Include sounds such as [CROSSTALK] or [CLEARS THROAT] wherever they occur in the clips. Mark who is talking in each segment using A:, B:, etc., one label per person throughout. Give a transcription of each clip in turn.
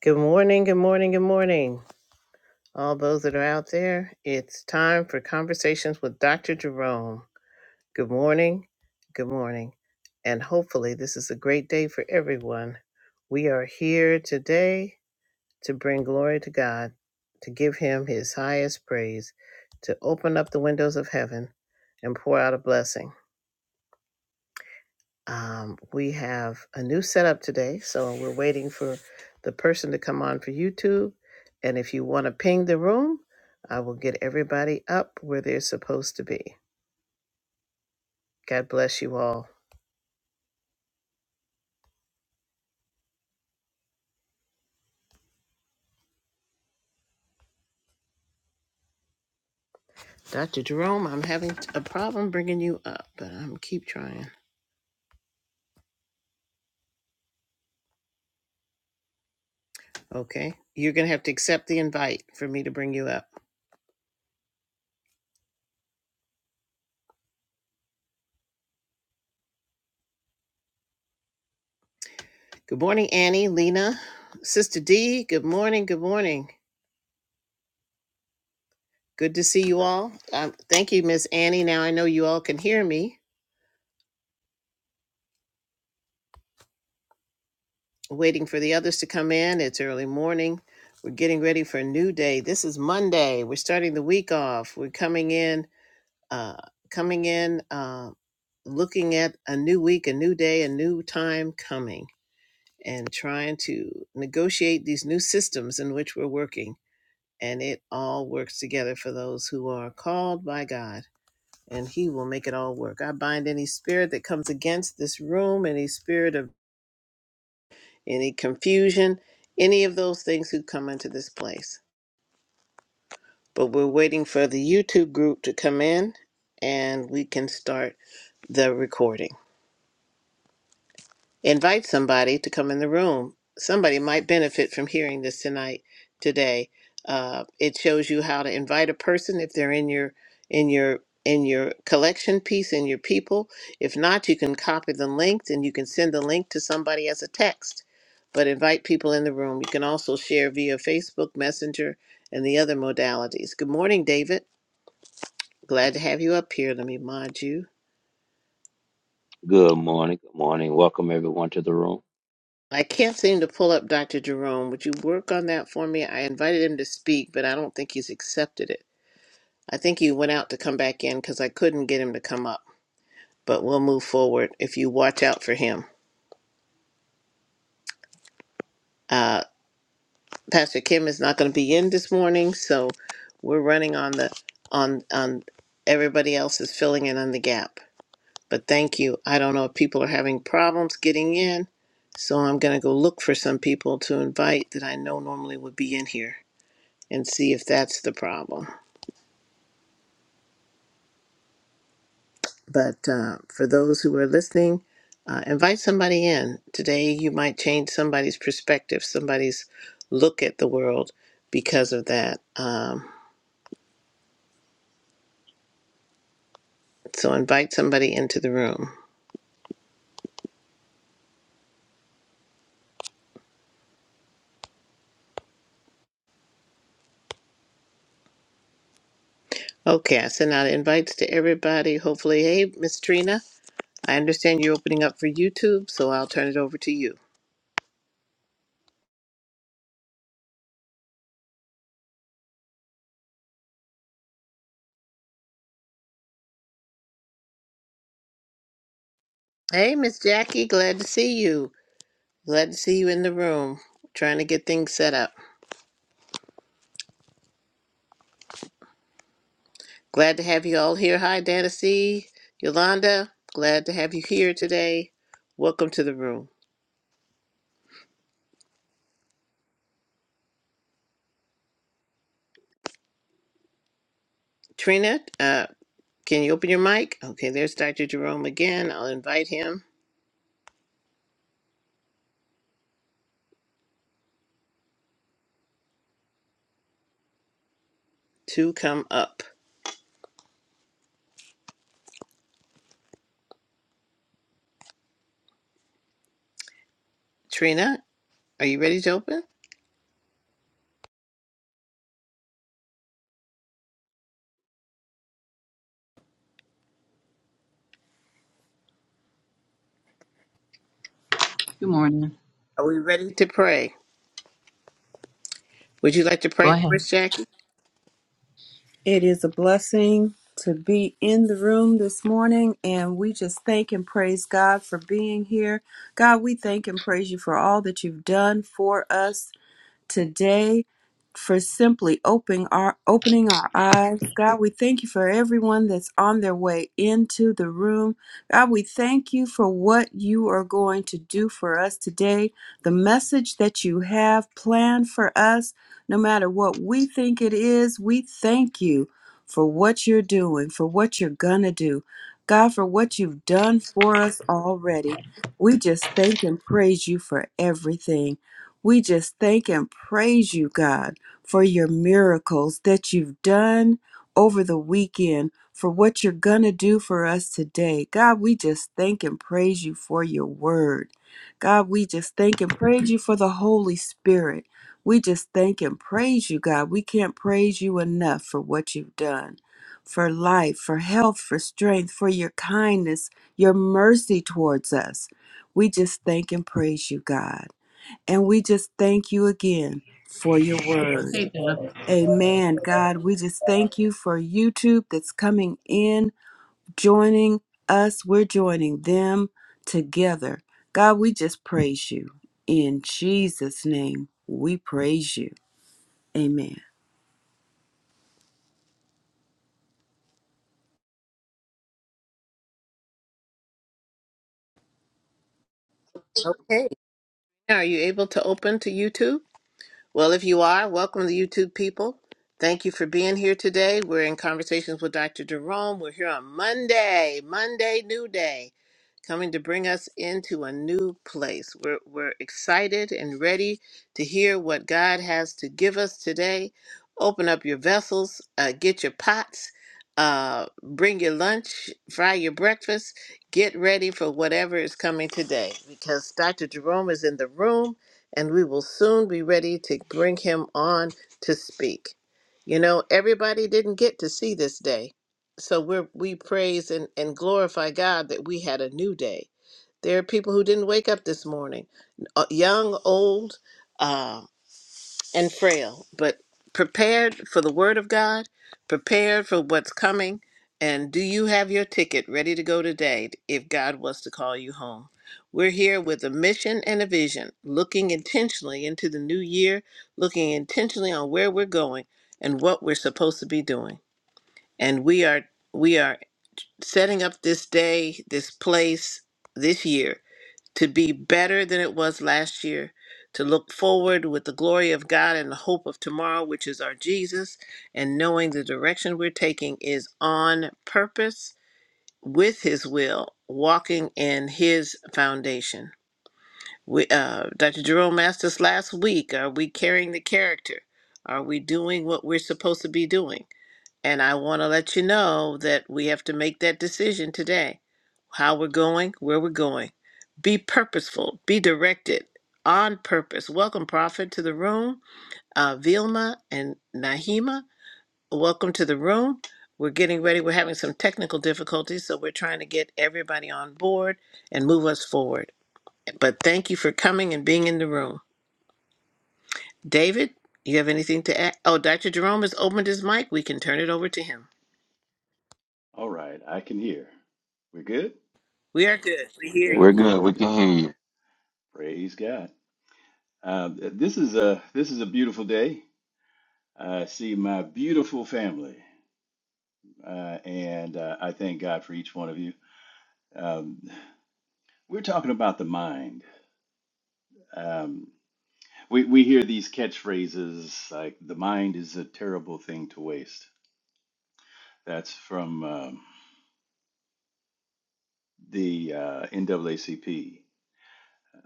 A: Good morning, good morning, good morning. All those that are out there, it's time for conversations with Dr. Jerome. Good morning, good morning. And hopefully, this is a great day for everyone. We are here today to bring glory to God, to give Him His highest praise, to open up the windows of heaven and pour out a blessing. Um, we have a new setup today, so we're waiting for the person to come on for YouTube. And if you want to ping the room, I will get everybody up where they're supposed to be. God bless you all. Dr. Jerome, I'm having a problem bringing you up, but I'm keep trying. Okay. You're going to have to accept the invite for me to bring you up. Good morning, Annie, Lena, Sister D. Good morning. Good morning. Good to see you all. Um, thank you, Miss Annie. Now I know you all can hear me. waiting for the others to come in. It's early morning. We're getting ready for a new day. This is Monday. We're starting the week off. We're coming in, uh, coming in, uh, looking at a new week, a new day, a new time coming, and trying to negotiate these new systems in which we're working. And it all works together for those who are called by God, and He will make it all work. I bind any spirit that comes against this room, any spirit of any confusion, any of those things who come into this place. But we're waiting for the YouTube group to come in and we can start the recording. invite somebody to come in the room. Somebody might benefit from hearing this tonight, today. Uh, it shows you how to invite a person if they're in your in your in your collection piece in your people. If not, you can copy the link and you can send the link to somebody as a text. But invite people in the room. You can also share via Facebook Messenger and the other modalities. Good morning, David. Glad to have you up here. Let me mod you.
B: Good morning. Good morning. Welcome everyone to the room.
A: I can't seem to pull up Dr. Jerome. Would you work on that for me? I invited him to speak, but I don't think he's accepted it. I think he went out to come back in because I couldn't get him to come up. But we'll move forward if you watch out for him. Uh, Pastor Kim is not going to be in this morning, so we're running on the on on everybody else is filling in on the gap. But thank you. I don't know if people are having problems getting in, so I'm going to go look for some people to invite that I know normally would be in here. and see if that's the problem. But uh, for those who are listening, uh, invite somebody in. Today, you might change somebody's perspective, somebody's look at the world because of that. Um, so, invite somebody into the room. Okay, I sent out invites to everybody. Hopefully, hey, Miss Trina, I understand you're opening up for YouTube, so I'll turn it over to you. Hey, Miss Jackie, glad to see you. Glad to see you in the room. Trying to get things set up. Glad to have you all here. Hi, Dana C. Yolanda, glad to have you here today. Welcome to the room. Trina, uh, can you open your mic? Okay, there's Dr. Jerome again. I'll invite him to come up. Trina, are you ready to open?
C: Good morning.
A: Are we ready to pray? Would you like to
C: Go
A: pray for
C: ahead.
A: us, Jackie?
D: It is a blessing to be in the room this morning, and we just thank and praise God for being here. God, we thank and praise you for all that you've done for us today for simply opening our opening our eyes. God, we thank you for everyone that's on their way into the room. God, we thank you for what you are going to do for us today, the message that you have planned for us, no matter what we think it is, we thank you for what you're doing, for what you're gonna do. God, for what you've done for us already. We just thank and praise you for everything. We just thank and praise you, God, for your miracles that you've done over the weekend, for what you're going to do for us today. God, we just thank and praise you for your word. God, we just thank and praise you for the Holy Spirit. We just thank and praise you, God. We can't praise you enough for what you've done. For life, for health, for strength, for your kindness, your mercy towards us. We just thank and praise you, God. And we just thank you again for your word.
C: Hey, Deb.
D: Amen. God, we just thank you for YouTube that's coming in, joining us. We're joining them together. God, we just praise you. In Jesus' name, we praise you. Amen.
A: Okay. Are you able to open to YouTube? Well, if you are, welcome to YouTube people. Thank you for being here today. We're in conversations with Dr. Jerome. We're here on Monday, Monday, new day. coming to bring us into a new place. We're, we're excited and ready to hear what God has to give us today. Open up your vessels, uh, get your pots, uh, bring your lunch, fry your breakfast, get ready for whatever is coming today because Dr. Jerome is in the room and we will soon be ready to bring him on to speak. You know, everybody didn't get to see this day so we're we praise and, and glorify God that we had a new day. There are people who didn't wake up this morning, uh, young, old, uh, and frail, but prepared for the Word of God, prepared for what's coming. And do you have your ticket ready to go today if God was to call you home? We're here with a mission and a vision, looking intentionally into the new year, looking intentionally on where we're going and what we're supposed to be doing. And we are we are setting up this day, this place, this year to be better than it was last year, to look forward with the glory of God and the hope of tomorrow, which is our Jesus, and knowing the direction we're taking is on purpose with His will, walking in His foundation. We, uh, Dr. Jerome asked us last week Are we carrying the character? Are we doing what we're supposed to be doing? And I want to let you know that we have to make that decision today how we're going, where we're going. Be purposeful, be directed on purpose. Welcome, Prophet, to the room. Uh, Vilma and Nahima, welcome to the room. We're getting ready. We're having some technical difficulties, so we're trying to get everybody on board and move us forward. But thank you for coming and being in the room. David, you have anything to add? Oh, Dr. Jerome has opened his mic. We can turn it over to him.
E: All right, I can hear. We're good.
A: We are good. We hear you.
E: Well,
B: We're
E: we're
B: good. We
E: pray-
B: can hear you.
E: praise God. Uh, th- this is a this is a beautiful day. I see my beautiful family, uh, and uh, I thank God for each one of you. Um, we're talking about the mind. Um, we we hear these catchphrases like "the mind is a terrible thing to waste." That's from um, the uh, NAACP,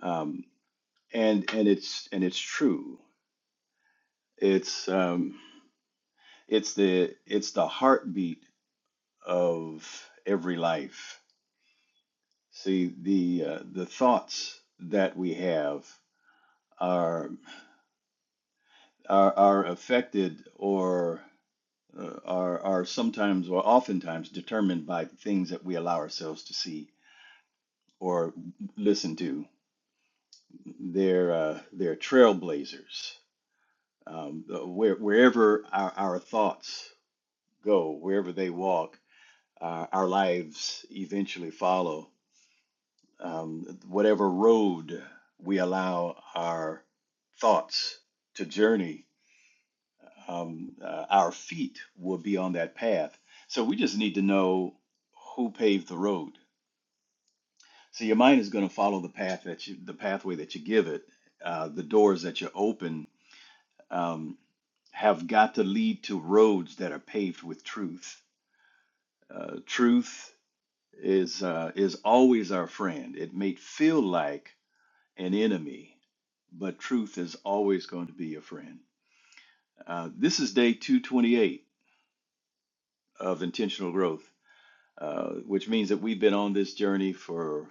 E: um, and and it's and it's true. It's um, It's the it's the heartbeat of every life. See, the uh, the thoughts that we have are are, are affected or uh, are are sometimes or oftentimes determined by things that we allow ourselves to see or listen to. They're uh, they're trailblazers. Um, where, wherever our, our thoughts go, wherever they walk, uh, our lives eventually follow um, whatever road we allow our thoughts to journey, um, uh, our feet will be on that path. So we just need to know who paved the road. So your mind is going to follow the path that you, the pathway that you give it. Uh, the doors that you open um, have got to lead to roads that are paved with truth. Uh, truth is uh, is always our friend. It may feel like an enemy, but truth is always going to be a friend. Uh, this is day 228 of intentional growth, uh, which means that we've been on this journey for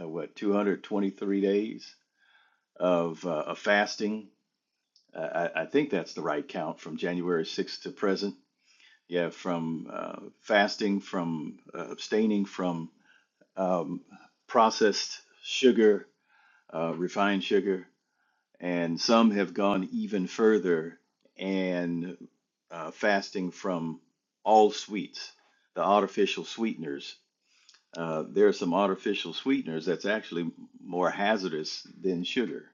E: uh, what 223 days of, uh, of fasting. Uh, I, I think that's the right count from January 6th to present. Yeah, from uh, fasting, from uh, abstaining from um, processed sugar, uh, refined sugar, and some have gone even further and uh, fasting from all sweets, the artificial sweeteners. Uh, there are some artificial sweeteners that's actually more hazardous than sugar.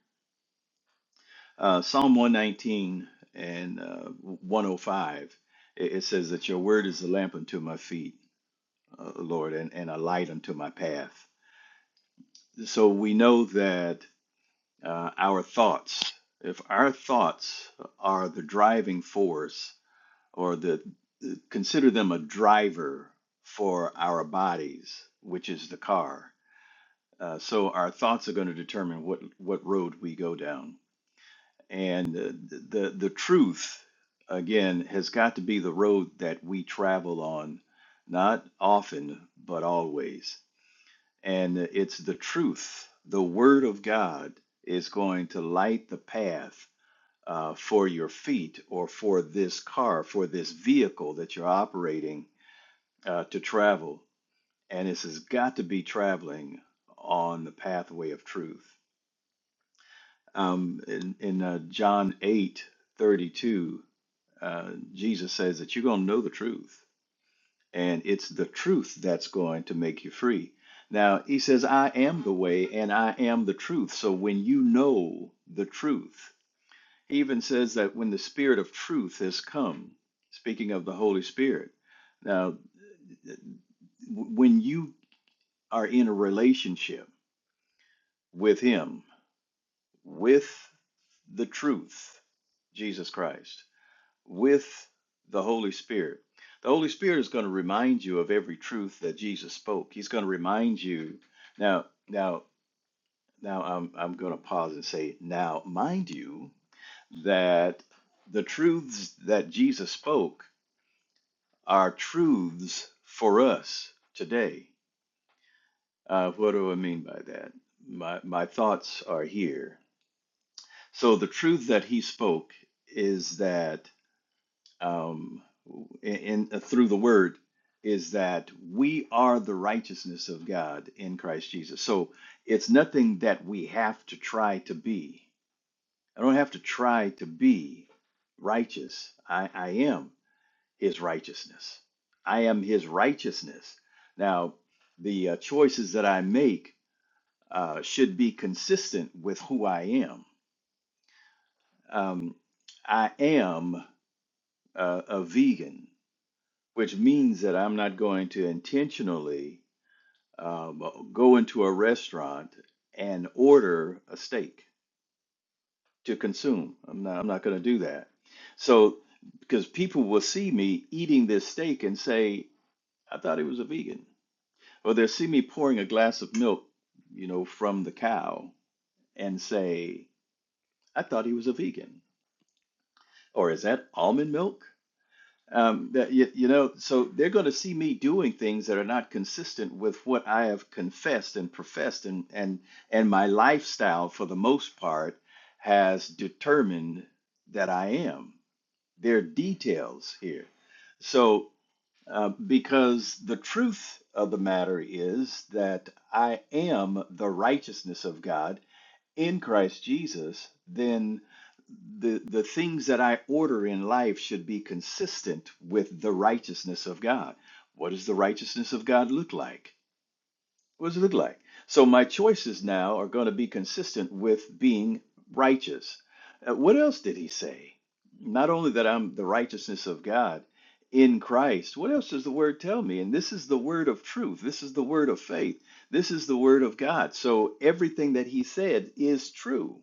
E: Uh, Psalm 119 and uh, 105, it, it says that your word is a lamp unto my feet, uh, Lord, and, and a light unto my path. So we know that uh, our thoughts. If our thoughts are the driving force, or the consider them a driver for our bodies, which is the car. Uh, so our thoughts are going to determine what what road we go down, and uh, the the truth again has got to be the road that we travel on, not often but always. And it's the truth, the Word of God, is going to light the path uh, for your feet or for this car, for this vehicle that you're operating uh, to travel. And this has got to be traveling on the pathway of truth. Um, in in uh, John eight thirty two, uh, Jesus says that you're going to know the truth, and it's the truth that's going to make you free. Now, he says, I am the way and I am the truth. So when you know the truth, He even says that when the Spirit of truth has come, speaking of the Holy Spirit, now, when you are in a relationship with Him, with the truth, Jesus Christ, with the Holy Spirit, the Holy Spirit is going to remind you of every truth that Jesus spoke. He's going to remind you. Now, now, now, I'm, I'm going to pause and say, now, mind you, that the truths that Jesus spoke are truths for us today. Uh, what do I mean by that? My, my thoughts are here. So the truth that he spoke is that um, in, in uh, through the word is that we are the righteousness of God in Christ Jesus. So it's nothing that we have to try to be. I don't have to try to be righteous. I, I am. his righteousness. I am his righteousness. Now, the uh, choices that I make uh, should be consistent with who I am. Um, I am uh, a vegan, which means that I'm not going to intentionally um, go into a restaurant and order a steak to consume. I'm not, I'm not going to do that. So, because people will see me eating this steak and say, I thought he was a vegan or they'll see me pouring a glass of milk, you know, from the cow and say, I thought he was a vegan. Or is that almond milk? Um, that you, you know, so they're going to see me doing things that are not consistent with what I have confessed and professed, and and and my lifestyle for the most part has determined that I am. There are details here, so. Uh, because the truth of the matter is that I am the righteousness of God in Christ Jesus, then the, the things that I order in life should be consistent with the righteousness of God. What does the righteousness of God look like? What does it look like? So my choices now are going to be consistent with being righteous. Uh, what else did he say? Not only that I'm the righteousness of God in Christ, what else does the word tell me? And this is the word of truth. This is the word of faith. This is the word of God. So everything that he said is true.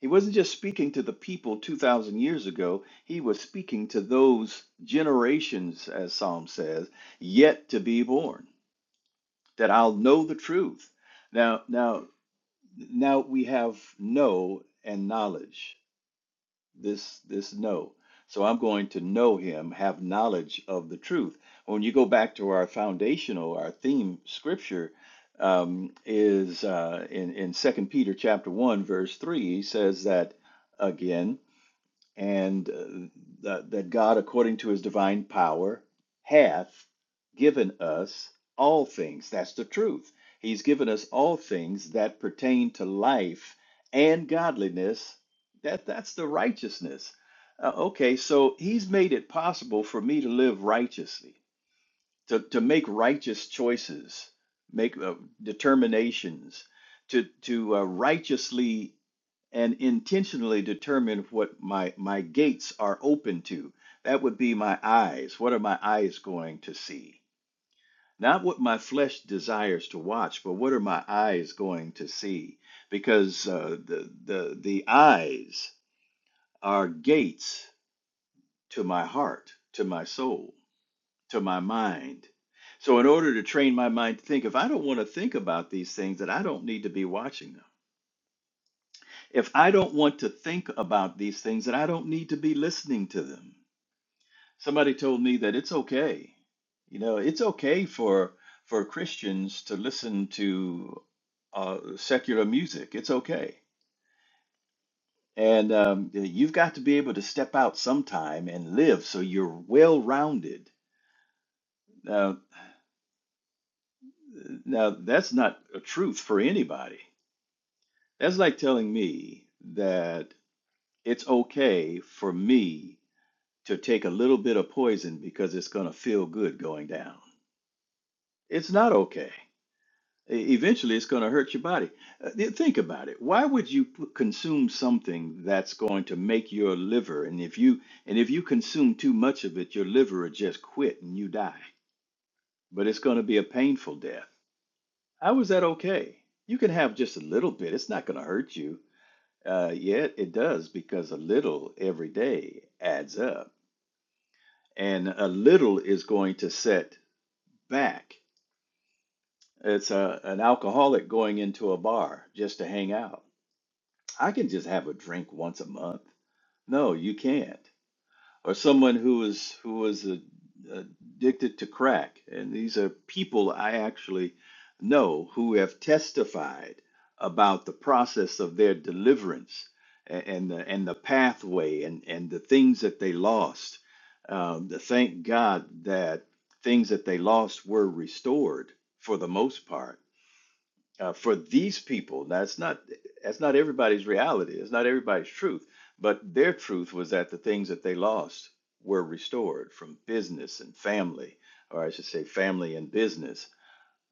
E: He wasn't just speaking to the people 2,000 years ago, he was speaking to those generations, as Psalm says, yet to be born that I'll know the truth. Now, now, now we have know and knowledge. This, this know. So I'm going to know him, have knowledge of the truth. When you go back to our foundational, our theme scripture um, is uh, in in Second Peter chapter one verse three. He says that again and uh, that, that God, according to his divine power, hath given us all things. That's the truth. He's given us all things that pertain to life and godliness. That, that's the righteousness. Uh, okay, so he's made it possible for me to live righteously, to, to make righteous choices, make uh, determinations, to, to uh, righteously and intentionally determine what my my gates are open to that would be my eyes what are my eyes going to see not what my flesh desires to watch but what are my eyes going to see because uh, the the the eyes are gates to my heart to my soul to my mind so in order to train my mind to think if i don't want to think about these things that i don't need to be watching them If I don't want to think about these things, then I don't need to be listening to them. Somebody told me that it's okay. You know, it's okay for for Christians to listen to uh, secular music. It's okay. And um, you've got to be able to step out sometime and live so you're well rounded. Now, now, that's not a truth for anybody. That's like telling me that it's okay for me to take a little bit of poison because it's going to feel good going down. It's not okay. E- Eventually, it's going to hurt your body. Uh, th- Think about it. Why would you p- consume something that's going to make your liver, and if you and if you consume too much of it, your liver will just quit and you die. But it's going to be a painful death. How is that okay? You can have just a little bit. It's not going to hurt you. Uh, yet it does because a little every day adds up, and a little is going to set back. It's a, an alcoholic going into a bar just to hang out. I can just have a drink once a month. No, you can't or someone who was who was a, addicted to crack, and these are people I actually know who have testified about the process of their deliverance a- and the, and the pathway and, and the things that they lost. Um, the- thank God that things that they lost were restored for the most part uh, for these people. Now, it's not that's not everybody's reality. It's not everybody's truth. But their truth was that the things that they lost were restored from business and family, or I should say, family and business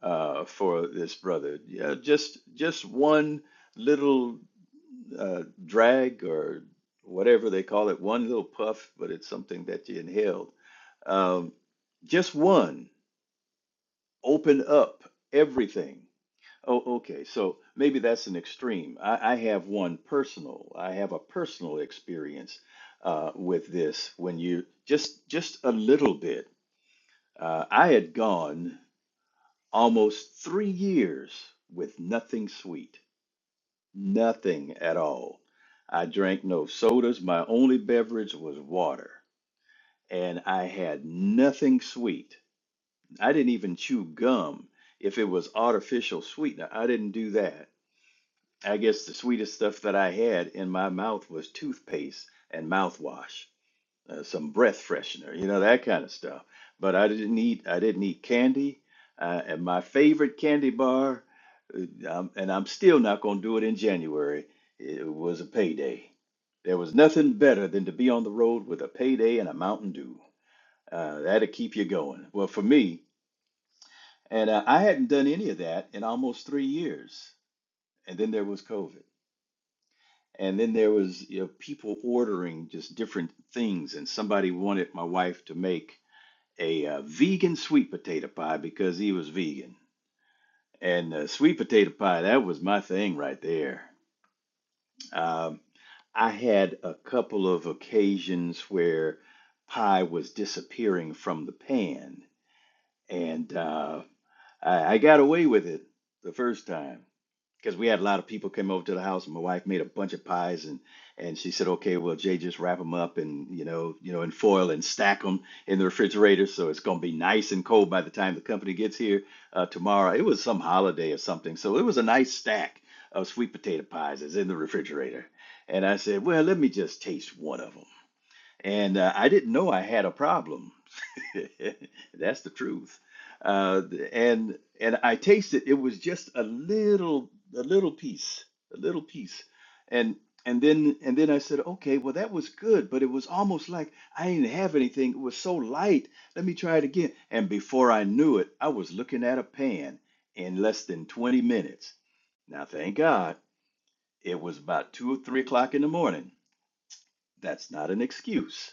E: uh, for this brother. Yeah, just just one little uh, drag or whatever they call it, one little puff, but it's something that you inhaled. Um, just one opened up everything Oh, okay. So maybe that's an extreme. I, I have one personal. I have a personal experience uh, with this. When you just just a little bit, uh, I had gone almost three years with nothing sweet, nothing at all. I drank no sodas. My only beverage was water, and I had nothing sweet. I didn't even chew gum if it was artificial sweetener. I didn't do that. I guess the sweetest stuff that I had in my mouth was toothpaste and mouthwash, uh, some breath freshener, you know, that kind of stuff. But I didn't eat, I didn't eat candy. Uh, and my favorite candy bar, uh, um, and I'm still not going to do it in January, it was a payday. There was nothing better than to be on the road with a payday and a Mountain Dew. Uh, that'll keep you going. Well, for me, and uh, I hadn't done any of that in almost three years. And then there was COVID. And then there was, you know, people ordering just different things. And somebody wanted my wife to make a uh, vegan sweet potato pie because he was vegan. And uh, sweet potato pie, that was my thing right there. Um, I had a couple of occasions where pie was disappearing from the pan, and uh, I, I got away with it the first time. because we had a lot of people came over to the house. and My wife made a bunch of pies, and and she said, "Okay, well, Jay, just wrap them up and you know, you know, in foil and stack them in the refrigerator, so it's gonna be nice and cold by the time the company gets here uh, tomorrow." It was some holiday or something, so it was a nice stack of sweet potato pies that's in the refrigerator. And I said, "Well, let me just taste one of them." And uh, I didn't know I had a problem [LAUGHS] That's the truth. Uh, and and I tasted it was just a little a little piece, a little piece. And and then and then I said, okay, well that was good, but it was almost like I didn't have anything. It was so light. Let me try it again. And before I knew it, I was looking at a pan in less than 20 minutes. Now, thank God it was about two or three o'clock in the morning. That's not an excuse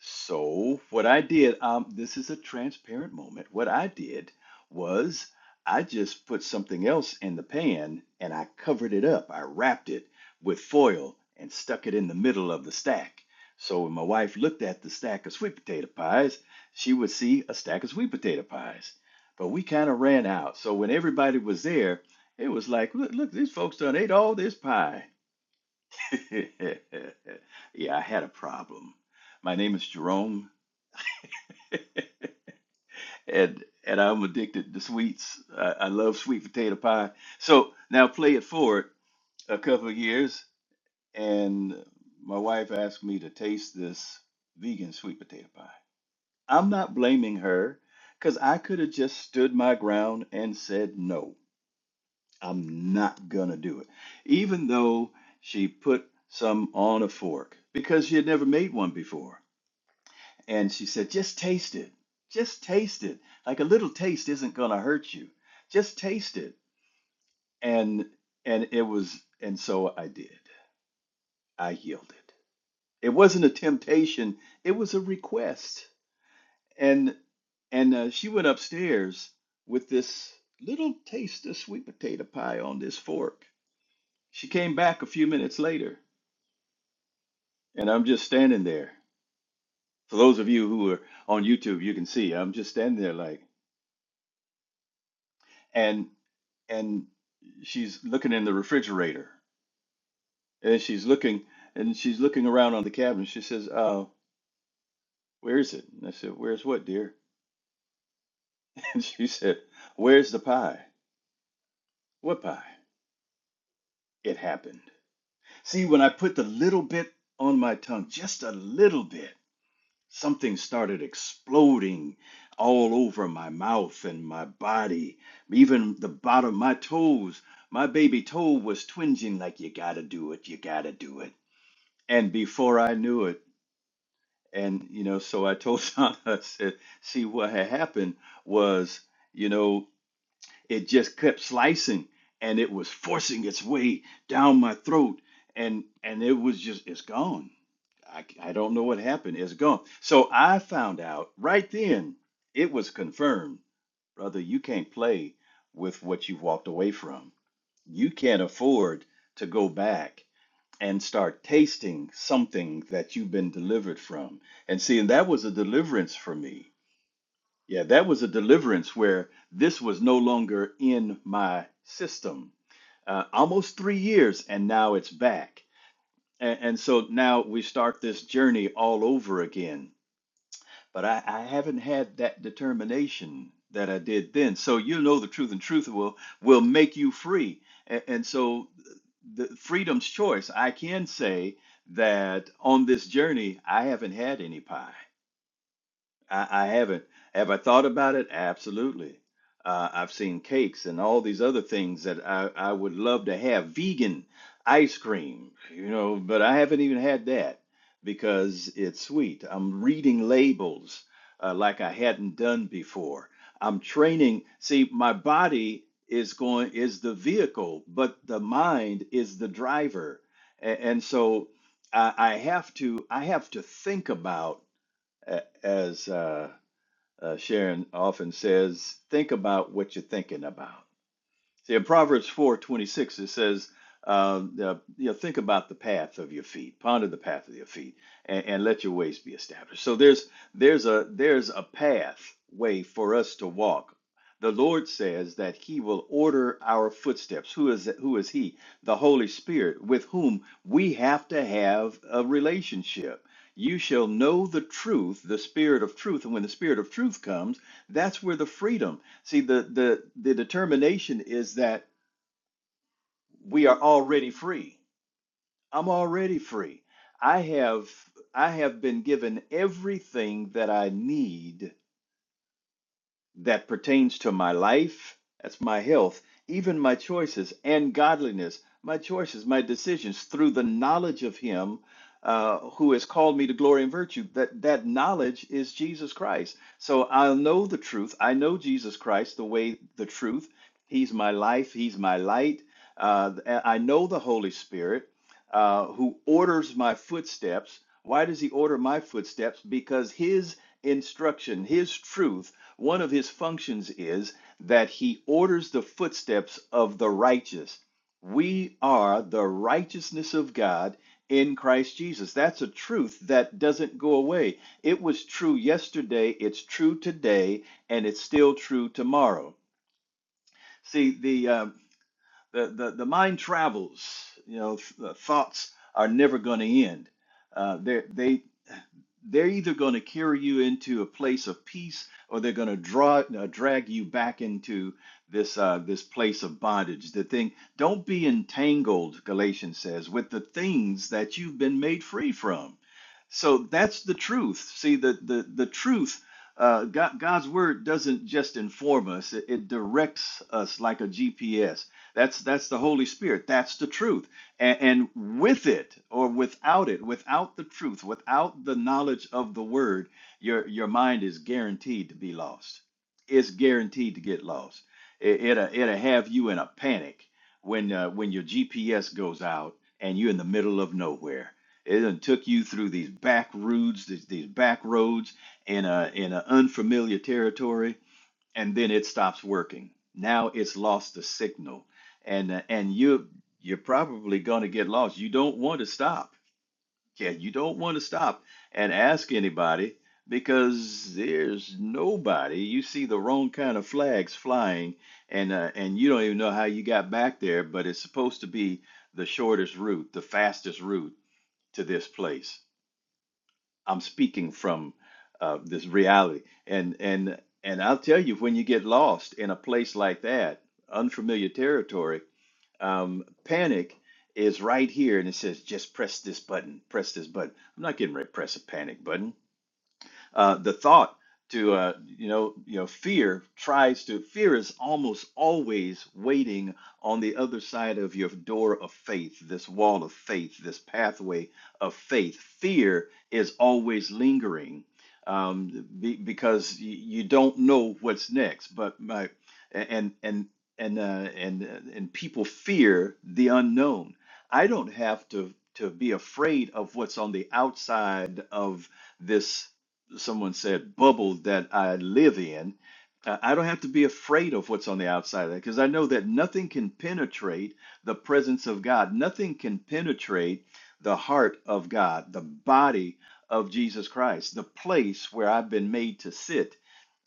E: so, what I did, um, this is a transparent moment. What I did was I just put something else in the pan and I covered it up. I wrapped it with foil and stuck it in the middle of the stack. So, when my wife looked at the stack of sweet potato pies, she would see a stack of sweet potato pies. But we kind of ran out. So, when everybody was there, it was like, look, look, these folks done ate all this pie. [LAUGHS] yeah, I had a problem. My name is Jerome. [LAUGHS] and and I'm addicted to sweets. I, I love sweet potato pie. So now play it forward a couple of years, and my wife asked me to taste this vegan sweet potato pie. I'm not blaming her because I could have just stood my ground and said no. I'm not gonna do it, even though she put some on a fork because she had never made one before. And she said, just taste it. Just taste it. Like a little taste isn't going to hurt you. Just taste it. And and it was and so I did. I yielded. It wasn't a temptation, it was a request. And and uh, she went upstairs with this little taste of sweet potato pie on this fork. She came back a few minutes later, and I'm just standing there. For those of you who are on YouTube, you can see I'm just standing there like and and she's looking in the refrigerator and she's looking and she's looking around on the cabinet. She says, uh, where is it? And I said, Where's what, dear? [LAUGHS] And she said, Where's the pie? What pie? It happened. See, when I put the little bit on my tongue, just a little bit, something started exploding all over my mouth and my body, even the bottom of my toes. My baby toe was twinging like, You gotta do it, you gotta do it. And before I knew it, And, you know, so I told Sean, [LAUGHS] I said, see, what had happened was, you know, it just kept slicing and it was forcing its way down my throat. And, and it was just, it's gone. I, I don't know what happened. It's gone. So I found out right then, it was confirmed. Brother, you can't play with what you've walked away from. You can't afford to go back and start tasting something that you've been delivered from. And see, and that was a deliverance for me. Yeah, that was a deliverance where this was no longer in my system. Uh, almost three years, and now it's back. And, and so now we start this journey all over again but I, I haven't had that determination that I did then. So you know the truth, and truth will will make you free. And, and so the freedom's choice. I can say that on this journey, I haven't had any pie. I, I haven't. Have I thought about it? Absolutely. Uh, I've seen cakes and all these other things that I, I would love to have. Vegan ice cream, you know, but I haven't even had that because it's sweet. I'm reading labels uh, like I hadn't done before. I'm training. See, my body is going is the vehicle, but the mind is the driver, and, and so I, I have to I have to think about a- as. uh, uh, Sharon often says, think about what you're thinking about. See, in Proverbs four twenty six, it says, uh, uh, you know, think about the path of your feet, ponder the path of your feet, and, and let your ways be established. So there's there's a there's a path way for us to walk. The Lord says that He will order our footsteps. Who is who is He? The Holy Spirit, with whom we have to have a relationship. You shall know the truth, the Spirit of truth, and when the Spirit of truth comes, that's where the freedom. See, the, the, the determination is that we are already free. I'm already free. I have I have been given everything that I need that pertains to my life, that's my health, even my choices and godliness, my choices, my decisions through the knowledge of Him uh, who has called me to glory and virtue. That that knowledge is Jesus Christ. So I'll know the truth. I know Jesus Christ, the way, the truth. He's my life. He's my light. Uh, I know the Holy Spirit uh, who orders my footsteps. Why does he order my footsteps? Because his instruction, his truth, one of his functions is that he orders the footsteps of the righteous. We are the righteousness of God in Christ Jesus. That's a truth that doesn't go away. It was true yesterday, it's true today, and it's still true tomorrow. See, the uh, the, the, the mind travels. You know, th- the thoughts are never going to end. Uh, they're, they, they're either going to carry you into a place of peace or they're going to draw uh, drag you back into this uh, this place of bondage. The thing, don't be entangled, Galatians says, with the things that you've been made free from. So that's the truth. See, the the the truth. Uh, God, God's word doesn't just inform us; it, it directs us like a GPS. That's that's the Holy Spirit. That's the truth. And, and with it, or without it, without the truth, without the knowledge of the word, your your mind is guaranteed to be lost. It's guaranteed to get lost. It, it'll it'll have you in a panic when uh, when your GPS goes out and you're in the middle of nowhere it done took you through these back routes, these, these back roads in a in an unfamiliar territory, and then it stops working. Now it's lost the signal, and uh, and you you're probably gonna get lost. You don't want to stop. Yeah, you don't want to stop and ask anybody because there's nobody. You see the wrong kind of flags flying, and uh, and you don't even know how you got back there, but it's supposed to be the shortest route, the fastest route to this place I'm speaking from uh, this reality. And and and I'll tell you, when you get lost in a place like that, unfamiliar territory, um, panic is right here, and it says just press this button, press this button. I'm not getting ready to press a panic button. Uh, the thought to uh, you know you know fear tries to fear is almost always waiting on the other side of your door of faith, this wall of faith, this pathway of faith. Fear is always lingering um, be, because y- you don't know what's next. But my and and and uh, and uh, and people fear the unknown. I don't have to to be afraid of what's on the outside of this someone said, bubble that I live in, uh, I don't have to be afraid of what's on the outside of that because I know that nothing can penetrate the presence of God. Nothing can penetrate the heart of God, the body of Jesus Christ, the place where I've been made to sit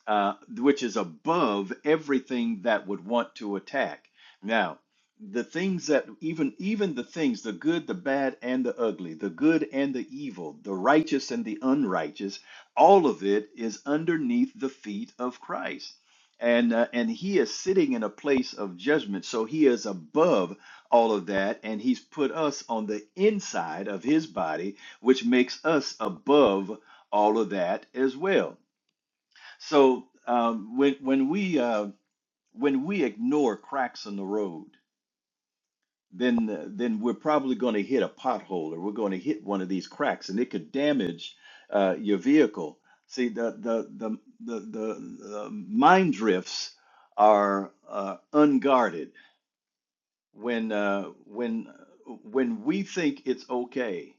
E: uh, which is above everything that would want to attack. Now, the things that even even the things the good the bad and the ugly the good and the evil the righteous and the unrighteous all of it is underneath the feet of christ and uh, and he is sitting in a place of judgment so he is above all of that and he's put us on the inside of his body which makes us above all of that as well so um, when when we uh, when we ignore cracks in the road, then uh, then we're probably going to hit a pothole or we're going to hit one of these cracks, and it could damage uh, your vehicle. See the the the the, the, the mind drifts are uh, unguarded when uh, when when we think it's okay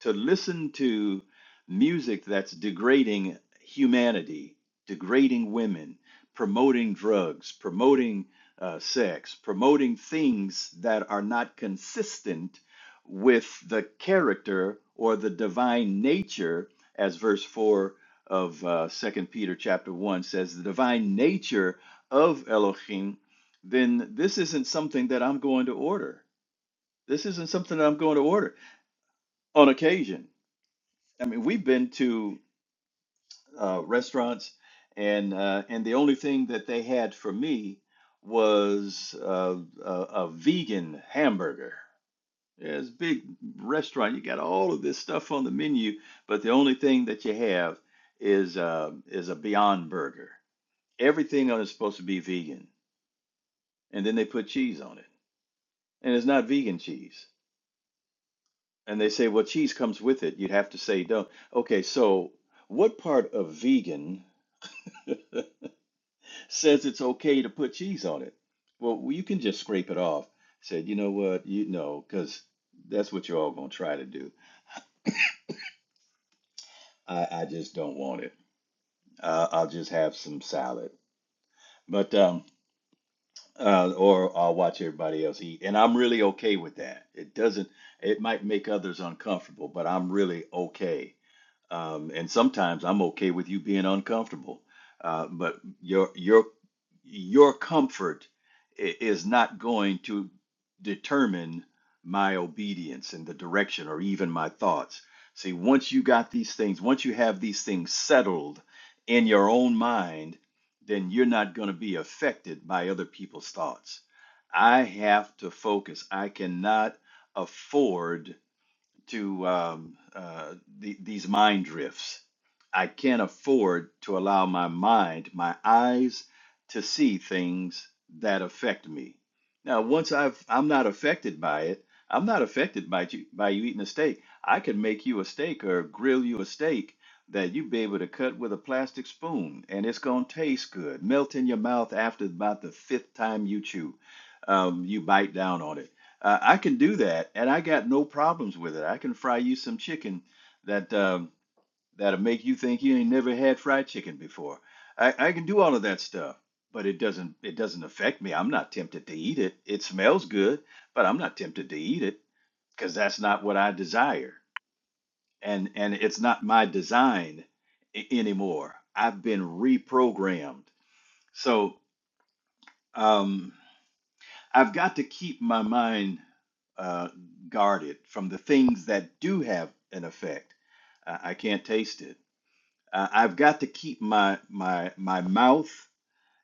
E: to listen to music that's degrading humanity, degrading women, promoting drugs, promoting uh, sex, promoting things that are not consistent with the character or the divine nature, as verse 4 of uh, 2 Peter chapter 1 says, the divine nature of Elohim, then this isn't something that I'm going to order. This isn't something that I'm going to order on occasion. I mean, we've been to uh, restaurants, and uh, and the only thing that they had for me was uh, a, a vegan hamburger. Yeah, it's a big restaurant. You got all of this stuff on the menu, but the only thing that you have is uh, is a Beyond Burger. Everything on it is supposed to be vegan, and then they put cheese on it, and it's not vegan cheese. And they say, well, cheese comes with it. You'd have to say, don't. Okay, so what part of vegan? says it's okay to put cheese on it. Well, well, you can just scrape it off. Said, you know what? You know, because that's what you're all going to try to do. I, I just don't want it. Uh, I'll just have some salad. But, um, uh, or I'll watch everybody else eat. And I'm really okay with that. It doesn't, it might make others uncomfortable, but I'm really okay um, and sometimes I'm okay with you being uncomfortable. Uh, but your your your comfort i- is not going to determine my obedience and the direction or even my thoughts. See, once you got these things, once you have these things settled in your own mind, then you're not going to be affected by other people's thoughts. I have to focus. I cannot afford to um, uh, the, these mind drifts. I can't afford to allow my mind, my eyes, to see things that affect me. Now, once I've, I'm not affected by it, I'm not affected by you, by you eating a steak. I could make you a steak or grill you a steak that you'd be able to cut with a plastic spoon, and it's going to taste good, melt in your mouth after about the fifth time you chew, um, you bite down on it uh, I can do that, and I got no problems with it. I can fry you some chicken that um, that'll make you think you ain't never had fried chicken before. I, I can do all of that stuff, but it doesn't it doesn't affect me. I'm not tempted to eat it. It smells good, but I'm not tempted to eat it because that's not what I desire, and and it's not my design a- anymore. I've been reprogrammed. So. Um, I've got to keep my mind uh, guarded from the things that do have an effect. I, I can't taste it. Uh, I've got to keep my my my mouth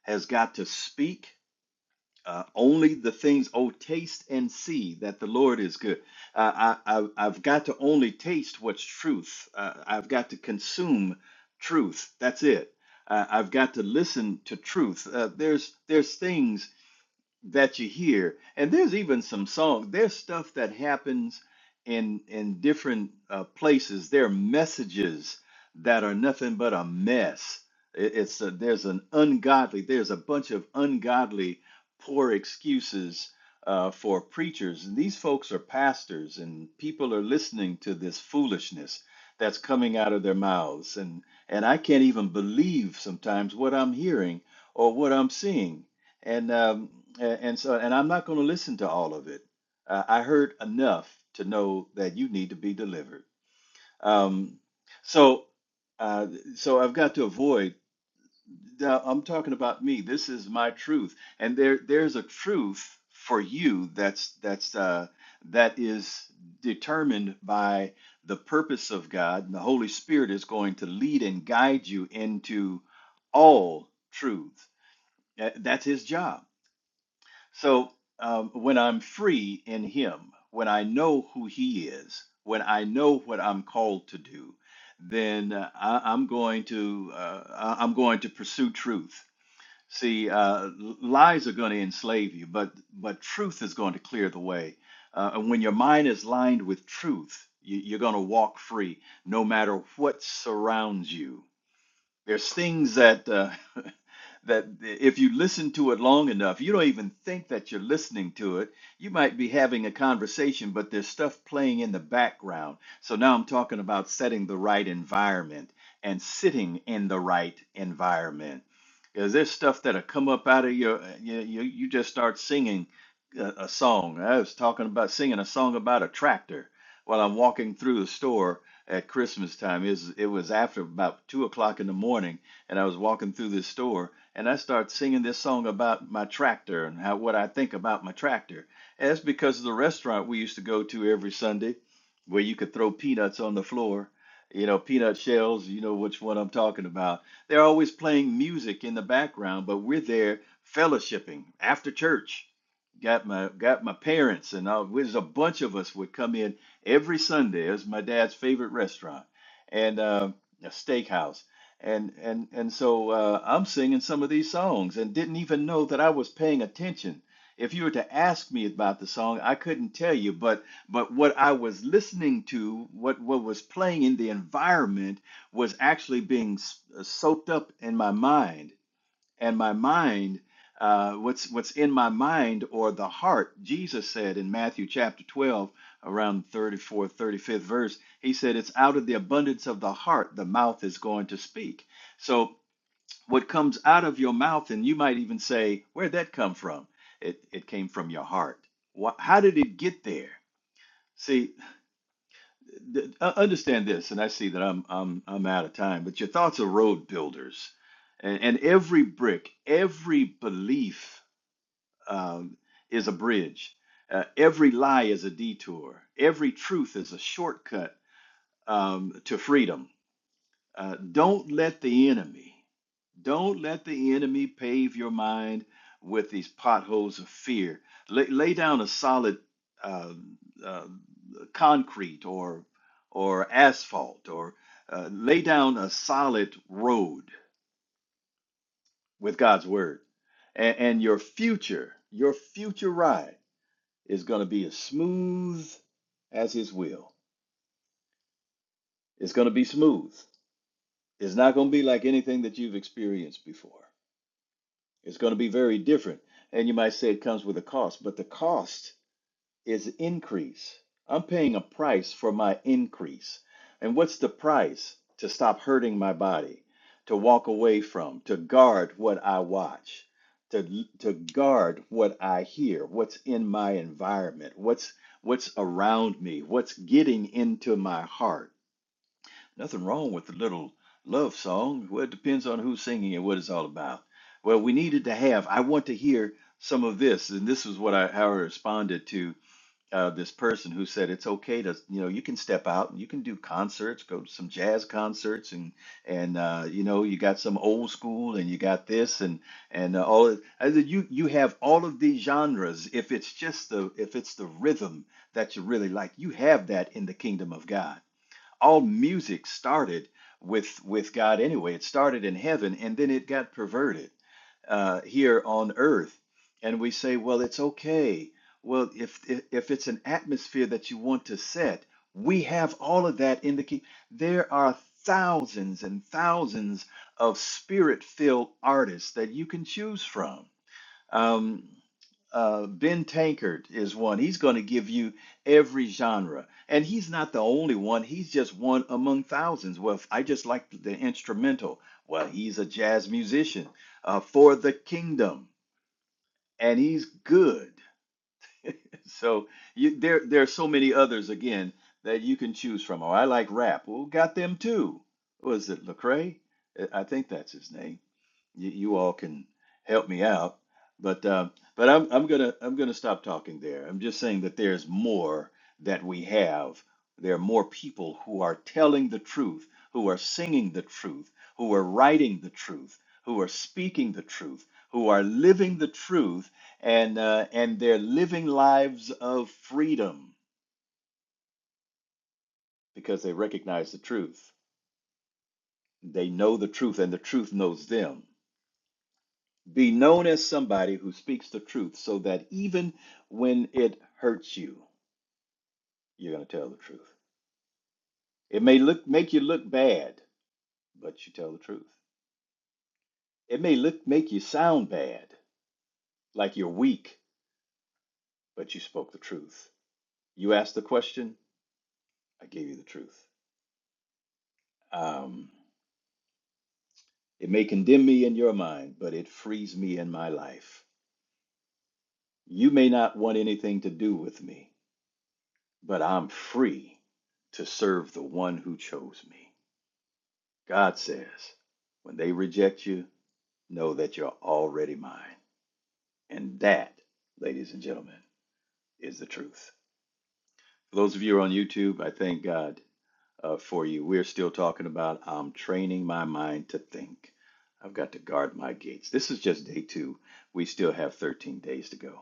E: has got to speak uh, only the things. Oh, taste and see that the Lord is good. Uh, I, I I've got to only taste what's truth. Uh, I've got to consume truth. That's it. Uh, I've got to listen to truth. Uh, there's there's things that you hear and there's even some songs there's stuff that happens in in different uh, places there are messages that are nothing but a mess It- it's a, there's an ungodly there's a bunch of ungodly poor excuses uh, for preachers and these folks are pastors and people are listening to this foolishness that's coming out of their mouths and and I can't even believe sometimes what I'm hearing or what I'm seeing and um, a- and so and I'm not going to listen to all of it. Uh, I heard enough to know that you need to be delivered. Um, so uh, so I've got to avoid. now, I'm talking about me. This is my truth, and there there's a truth for you that's that's uh, that is determined by the purpose of God, and the Holy Spirit is going to lead and guide you into all truth. That- That's His job so um, when I'm free in Him, when I know who He is, when I know what I'm called to do, then uh, I, I'm going to uh, I- I'm going to pursue truth. See, uh, l- lies are going to enslave you, but but truth is going to clear the way. Uh, and when your mind is lined with truth, you, you're going to walk free, no matter what surrounds you. There's things that uh, [LAUGHS] that if you listen to it long enough, you don't even think that you're listening to it. You might be having a conversation, but there's stuff playing in the background. So now I'm talking about setting the right environment and sitting in the right environment. Is there stuff that'll come up out of your, you, you, you just start singing a, a song. I was talking about singing a song about a tractor while I'm walking through the store at Christmas time. It was, it was after about two o'clock in the morning, and I was walking through this store, and I start singing this song about my tractor and how what I think about my tractor. And that's because of the restaurant we used to go to every Sunday, where you could throw peanuts on the floor, you know, peanut shells. You know which one I'm talking about. They're always playing music in the background, but we're there fellowshipping after church got my got my parents and all there's a bunch of us would come in every Sunday. It was my dad's favorite restaurant and uh, a steakhouse. And and and so uh, I'm singing some of these songs and didn't even know that I was paying attention. If you were to ask me about the song, I couldn't tell you, but but what I was listening to, what what was playing in the environment was actually being s- soaked up in my mind and my mind uh, what's what's in my mind or the heart jesus said in matthew chapter 12 around 34 35th verse he said it's out of the abundance of the heart the mouth is going to speak so what comes out of your mouth and you might even say where'd that come from it, it came from your heart What? how did it get there see th- uh, understand this, and I see that I'm I'm I'm out of time, but your thoughts are road builders, and, and every brick, every belief um, is a bridge. Uh, every lie is a detour. Every truth is a shortcut um, to freedom. Uh, don't let the enemy. Don't let the enemy pave your mind with these potholes of fear. Lay, lay down a solid uh, uh, concrete or or asphalt, or uh, lay down a solid road with God's word, and, and your future, your future ride is going to be as smooth as His will. It's going to be smooth. It's not going to be like anything that you've experienced before. It's going to be very different. And you might say it comes with a cost, but the cost is increase. I'm paying a price for my increase. And what's the price? To stop hurting my body, to walk away from, to guard what I watch, to, to guard what I hear, what's in my environment, what's what's around me, what's getting into my heart Nothing wrong with the little love song. Well, it depends on who's singing and what it's all about. Well, we needed to have, I want to hear some of this. And this is what I, how I responded to uh, this person who said, it's okay to, you know, you can step out and you can do concerts, go to some jazz concerts and, and, uh, you know, you got some old school and you got this and, and uh, all. I said, you, you have all of these genres. If it's just the, if it's the rhythm that you really like, you have that in the kingdom of God all music started with with God anyway. It started in heaven and then it got perverted uh, here on earth. And we say, well, it's okay. Well, if if if it's an atmosphere that you want to set, we have all of that in the key. There are thousands and thousands of spirit-filled artists that you can choose from um, uh, Ben Tankard is one. He's going to give you every genre, and he's not the only one. He's just one among thousands. Well, if I just like the instrumental. Well, he's a jazz musician uh, for the kingdom, and he's good. [LAUGHS] So you, there, there are so many others again that you can choose from. Oh, I like rap. Well, got them too. Was it Lecrae? I I think that's his name you, you all can help me out. But uh, but I'm I'm gonna I'm gonna stop talking there. I'm just saying that there's more that we have. There are more people who are telling the truth, who are singing the truth, who are writing the truth, who are speaking the truth, who are living the truth, and uh, and they're living lives of freedom because they recognize the truth. They know the truth, and the truth knows them. Be known as somebody who speaks the truth so that even when it hurts you, you're going to tell the truth. It may look make you look bad, but you tell the truth. It may look make you sound bad, like you're weak, but you spoke the truth. You asked the question, I gave you the truth. Um, it may condemn me in your mind, but it frees me in my life. You may not want anything to do with me, but I'm free to serve the one who chose me. God says, when they reject you, know that you're already mine. And that, ladies and gentlemen, is the truth. For those of you who are on YouTube, I thank God uh, for you. We're still talking about I'm training my mind to think. I've got to guard my gates. This is just day two. We still have 13 days to go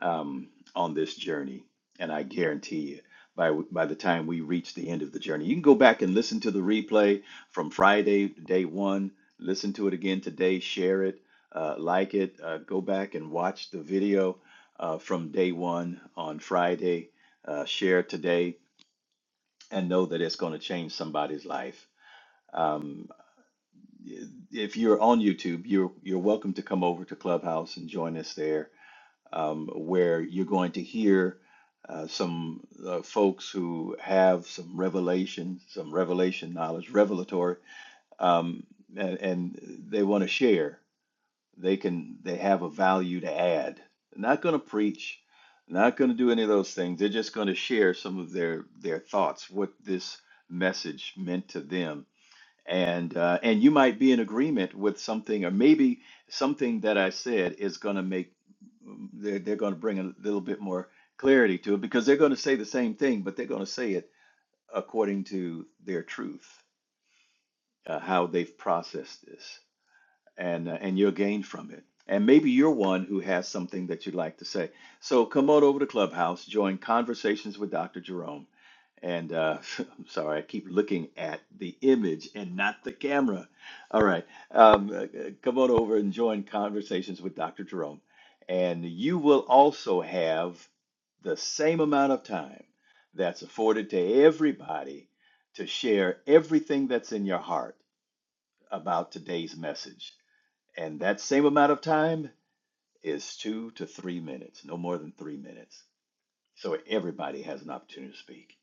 E: um, on this journey. And I guarantee you, by, by the time we reach the end of the journey, you can go back and listen to the replay from Friday, day one. Listen to it again today, share it, uh, like it, uh, go back and watch the video uh, from day one on Friday, uh, share today and know that it's going to change somebody's life. Um, if you're on YouTube, you're you're welcome to come over to Clubhouse and join us there, um, where you're going to hear uh, some uh, folks who have some revelation, some revelation knowledge, revelatory, um, and, and they want to share they can they have a value to add. They're not going to preach, not going to do any of those things. They're just going to share some of their their thoughts, what this message meant to them, and uh, and you might be in agreement with something, or maybe something that I said is going to make they're they're going to bring a little bit more clarity to it because they're going to say the same thing, but they're going to say it according to their truth, uh, how they've processed this and uh, and you'll gain from it. And maybe you're one who has something that you'd like to say. So come on over to Clubhouse, join Conversations with Dr. Jerome. And uh, [LAUGHS] I'm sorry, I keep looking at the image and not the camera. All right, um, uh, come on over and join Conversations with Dr. Jerome. And you will also have the same amount of time that's afforded to everybody to share everything that's in your heart about today's message. And that same amount of time is two to three minutes, no more than three minutes. So everybody has an opportunity to speak.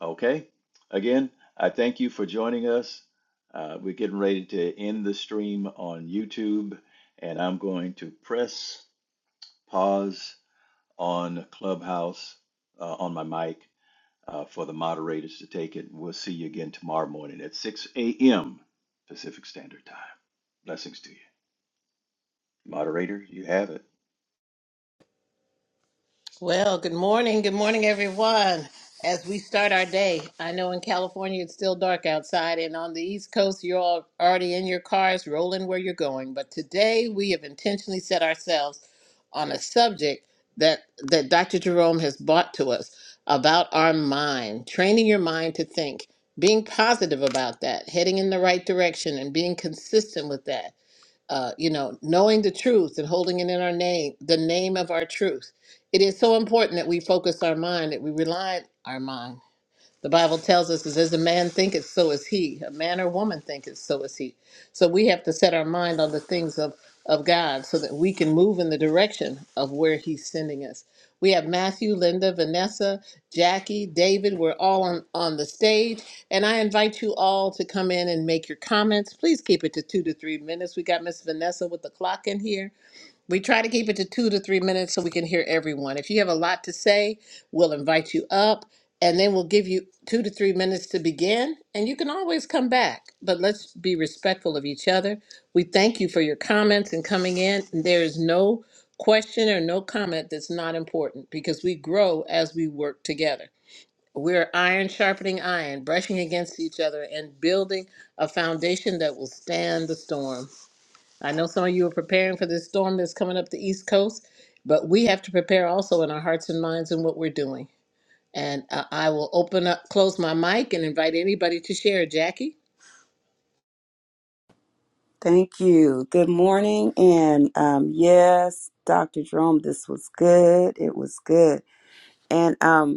E: Okay? Again, I thank you for joining us. Uh, we're getting ready to end the stream on YouTube, and I'm going to press pause on Clubhouse uh, on my mic uh, for the moderators to take it. We'll see you again tomorrow morning at 6 a.m. Pacific Standard Time. Blessings to you. Moderator, you have it.
A: Well, good morning. Good morning, everyone. As we start our day, I know in California it's still dark outside, and on the East Coast, you're all already in your cars rolling where you're going. But today, we have intentionally set ourselves on a subject that, that Dr. Jerome has brought to us about our mind, training your mind to think, being positive about that, heading in the right direction, and being consistent with that uh, you know, knowing the truth and holding it in our name, the name of our truth. It is so important that we focus our mind, that we rely on our mind the Bible tells us, is as a man thinketh, so is he. A man or woman thinketh, so is he. So we have to set our mind on the things of, of God so that we can move in the direction of where he's sending us. We have Matthew, Linda, Vanessa, Jackie, David. We're all on, on the stage. And I invite you all to come in and make your comments. Please keep it to two to three minutes. We got Miss Vanessa with the clock in here. We try to keep it to two to three minutes so we can hear everyone. If you have a lot to say, we'll invite you up and then we'll give you two to three minutes to begin. And you can always come back, but let's be respectful of each other. We thank you for your comments and coming in. There is no question or no comment that's not important because we grow as we work together. We're iron sharpening iron, brushing against each other, and building a foundation that will stand the storm. I know some of you are preparing for this storm that's coming up the East Coast, but we have to prepare also in our hearts and minds in what we're doing. And uh, I will open up, close my mic, and invite anybody to share. Jackie,
D: Thank you. Good morning. And um, yes, Dr. Jerome, this was good. It was good. And um,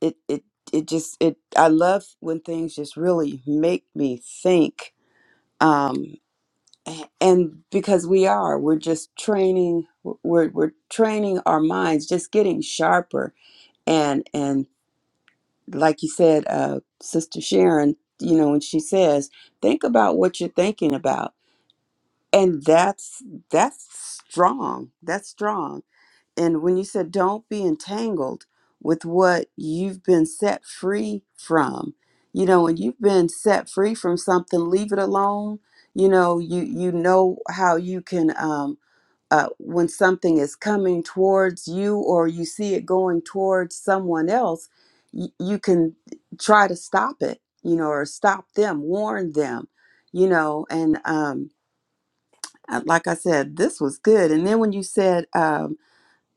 D: it it it just it I love when things just really make me think um a- and because we are we're just training we're we're training our minds just getting sharper and and like you said uh sister Sharon you know when she says think about what you're thinking about and that's that's strong that's strong and when you said don't be entangled with what you've been set free from, you know, when you've been set free from something, leave it alone. You know, you you know how you can um uh, when something is coming towards you or you see it going towards someone else, y- you can try to stop it, you know, or stop them, warn them, you know, and um, uh, like I said, this was good. And then when you said, um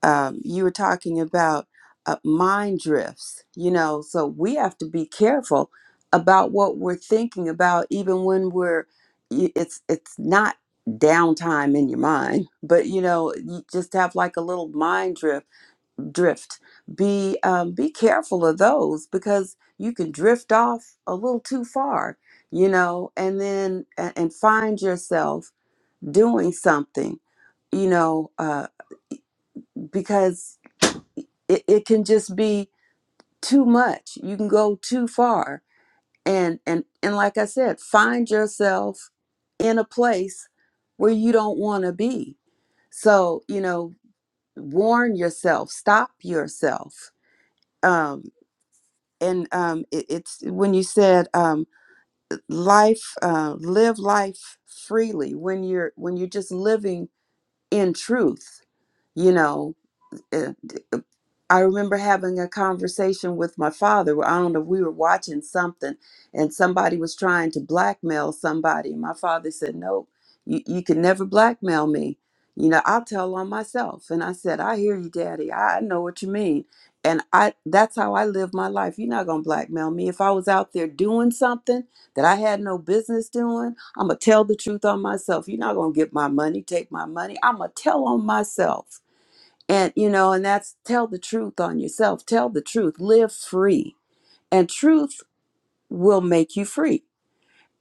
D: um, you were talking about uh, mind drifts, you know, so we have to be careful about what we're thinking about, even when we're, y- it's, it's not downtime in your mind, but you know, you just have like a little mind drift, drift, be, um, be careful of those because you can drift off a little too far, you know, and then, a- and find yourself doing something, you know, uh, because it, it can just be too much you can go too far and and and like i said find yourself in a place where you don't want to be so you know warn yourself stop yourself um and um it, it's when you said um life uh live life freely when you're when you're just living in truth you know uh, d- I remember having a conversation with my father. well, I don't know, we were watching something and somebody was trying to blackmail somebody. My father said, No, you, you can never blackmail me. You know, I'll tell on myself. And I said, I hear you, Daddy. I I know what you mean. And I that's how I live my life. You're not gonna blackmail me. If I was out there doing something that I had no business doing, I'm gonna tell the truth on myself. You're not gonna get my money, take my money. I'm gonna tell on myself and you know and that's tell the truth on yourself tell the truth live free and truth will make you free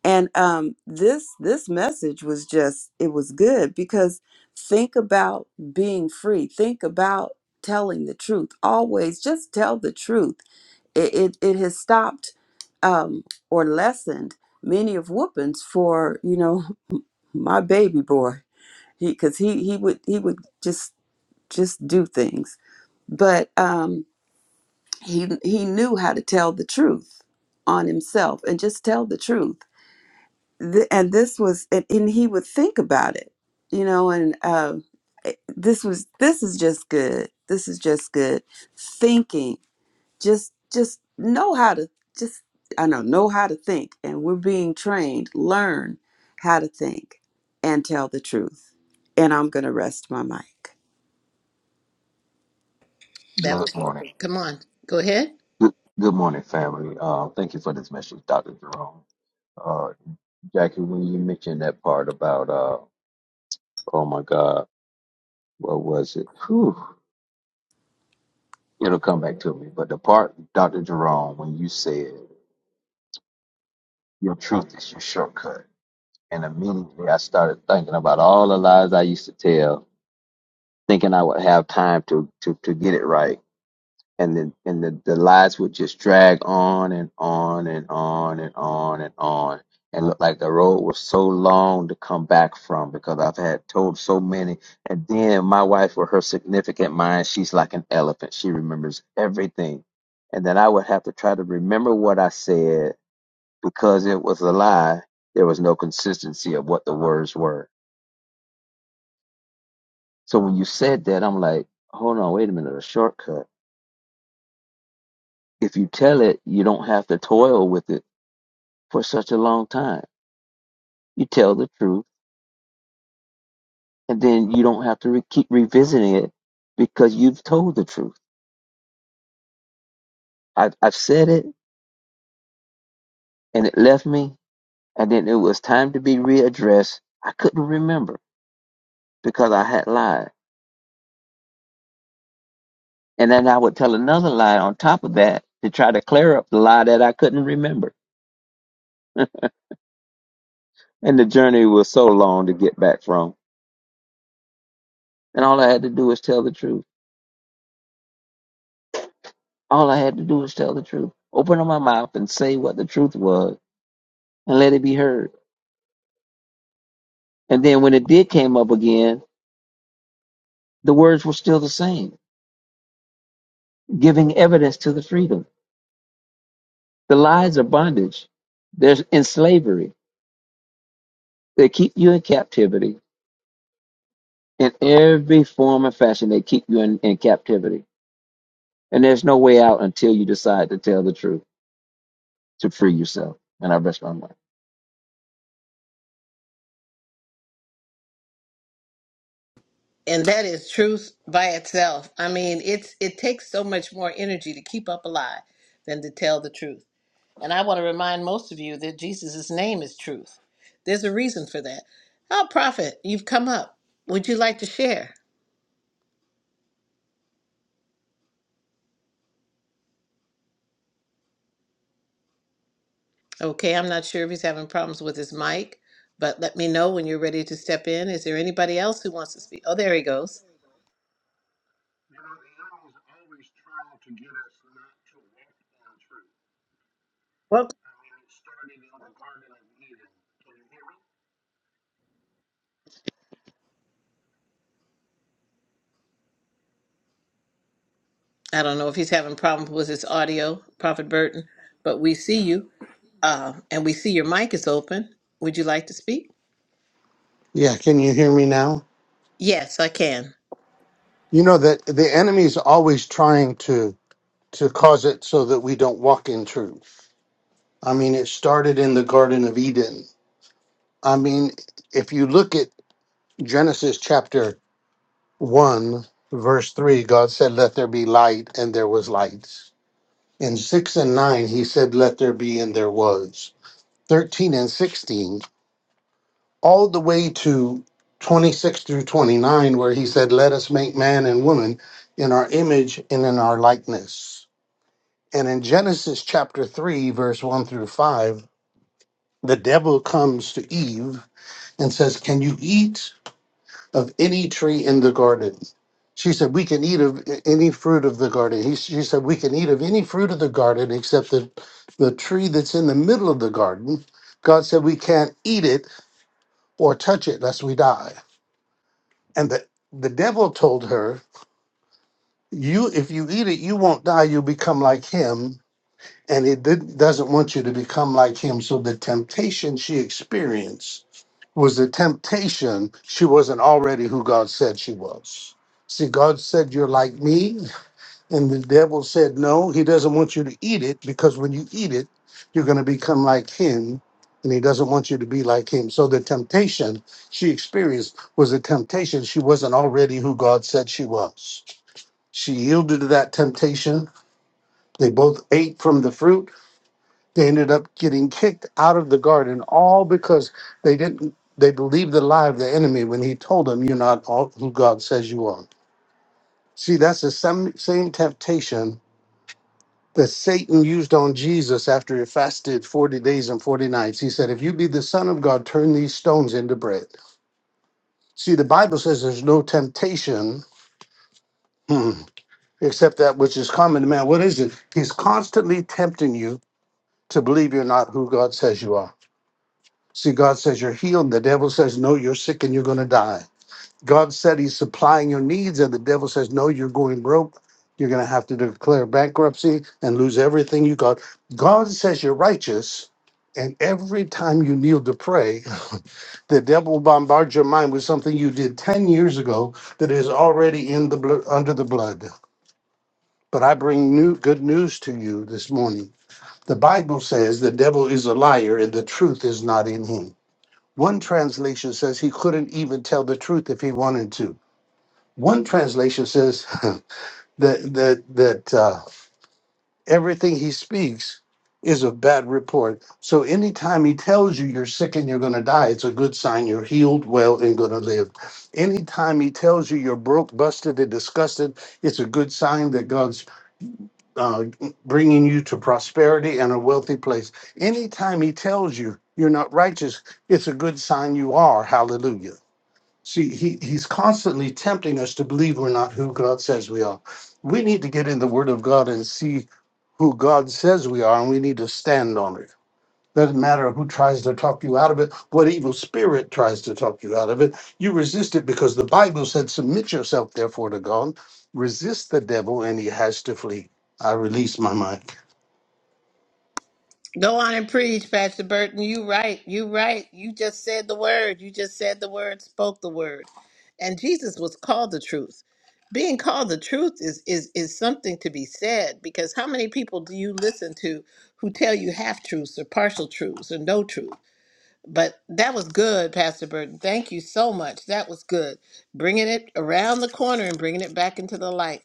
D: and um this this message was just it was good because think about being free think about telling the truth always just tell the truth it it, it has stopped um or lessened many of whoopings for you know [LAUGHS] my baby boy he because he he would he would just just do things but um he he knew how to tell the truth on himself and just tell the truth Th- and this was and, and he would think about it you know and uh, it- this was this is just good this is just good thinking just just know how to just i know know how to think and we're being trained learn how to think and tell the truth and i'm going to rest my mic
A: that
B: Good
A: was
B: morning.
A: welcome. Come on, go ahead.
B: Good, good morning, family. Uh, thank you for this message, Dr. Jerome. Uh, Jackie, when you mentioned that part about, uh, oh my God, what was it? Whew, it'll come back to me. But the part, Dr. Jerome, when you said your truth is your shortcut, and immediately I started thinking about all the lies I used to tell, thinking I would have time to to to get it right. and the and the, the lights would just drag on and on and on and on and on and look like the road was so long to come back from because I've had told so many. And then my wife with her significant mind, she's like an elephant. She remembers everything. And then I would have to try to remember what I said because it was a lie. There was no consistency of what the words were. So when you said that, I'm like, hold on, wait a minute, a shortcut. If you tell it, you don't have to toil with it for such a long time. You tell the truth, and then you don't have to re- keep revisiting it because you've told the truth. I, I've said it, and it left me, and then it was time to be readdressed. I couldn't remember because I had lied, and then I would tell another lie on top of that to try to clear up the lie that I couldn't remember. And the journey was so long to get back from, and all I had to do was tell the truth. All I had to do was tell the truth. Open up my mouth and say what the truth was, and let it be heard And then when it did came up again, the words were still the same, giving evidence to the freedom. The lies are bondage. They're in slavery. They keep you in captivity. In every form and fashion, they keep you in, in captivity. And there's no way out until you decide to tell the truth, to free yourself. And I rest my mind.
A: And that is truth by itself. I mean, it's it takes so much more energy to keep up a lie than to tell the truth. And I want to remind most of you that Jesus' name is truth. There's a reason for that. Oh, prophet, you've come up. Would you like to share? Okay, I'm not sure if he's having problems with his mic, but let me know when you're ready to step in. Is there anybody else who wants to speak? Oh, there he goes. Well, I don't know if he's having problems with his audio, Prophet Burton, but we see you uh, and we see your mic is open. Would you like to speak?
F: Yeah, can you hear me now?
A: Yes, I can.
F: You know that the enemy's always trying to to cause it so that we don't walk in truth. I mean, it started in the Garden of Eden. I mean, if you look at Genesis chapter 1, verse 3, God said, "Let there be light," and there was light. In 6 and 9, he said, "Let there be," and there was. 13 and 16. all the way to 26 through 29, where he said, Let us make man and woman in our image and in our likeness. And in Genesis chapter 3, verse 1 through 5, the devil comes to Eve and says, Can you eat of any tree in the garden? She said, We can eat of a- any fruit of the garden. He, she said, We can eat of any fruit of the garden except the, the tree that's in the middle of the garden. God said, We can't eat it or touch it lest we die. And the, the devil told her, You if you eat it, you won't die, you'll become like him. And it did, doesn't want you to become like him. So the temptation she experienced was the temptation she wasn't already who God said she was. See, God said, You're like me. And the devil said, No, he doesn't want you to eat it because when you eat it, you're going to become like him. And he doesn't want you to be like him. So the temptation she experienced was a temptation. She wasn't already who God said she was. She yielded to that temptation. They both ate from the fruit. They ended up getting kicked out of the garden, all because they didn't, they believed the lie of the enemy when he told them, You're not all who God says you are. See, that's the same, same temptation that Satan used on Jesus after he fasted 40 days and 40 nights. He said, If you be the Son of God, turn these stones into bread. See, the Bible says there's no temptation hmm, except that which is common to man. What is it? He's constantly tempting you to believe you're not who God says you are. See, God says you're healed. The devil says, No, you're sick and you're going to die. God said He's supplying your needs, and the devil says, No, you're going broke. You're going to have to declare bankruptcy and lose everything you got. God says you're righteous, and every time you kneel to pray, [LAUGHS] the devil bombards your mind with something you did 10 years ago that is already in the blo- under the blood. But I bring new good news to you this morning. The Bible says the devil is a liar and the truth is not in him. One translation says he couldn't even tell the truth if he wanted to. One translation says [LAUGHS] that that that uh, everything he speaks is a bad report. So anytime he tells you you're sick and you're going to die, it's a good sign you're healed, well, and going to live. Anytime he tells you you're broke, busted, and disgusted, it's a good sign that God's uh, bringing you to prosperity and a wealthy place. Anytime he tells you you're not righteous, it's a good sign you are. Hallelujah. See, he, he's constantly tempting us to believe we're not who God says we are. We need to get in the Word of God and see who God says we are, and we need to stand on it. Doesn't matter who tries to talk you out of it, what evil spirit tries to talk you out of it. You resist it because the Bible said, Submit yourself, therefore, to God. Resist the devil, and he has to flee. I release my mind.
A: Go on and preach, Pastor Burton. You right. You right. You just said the word. You just said the word, spoke the word. And Jesus was called the truth. Being called the truth is is is something to be said because how many people do you listen to who tell you half truths or partial truths or no truth? But that was good, Pastor Burton. Thank you so much. That was good. Bringing it around the corner and bringing it back into the light.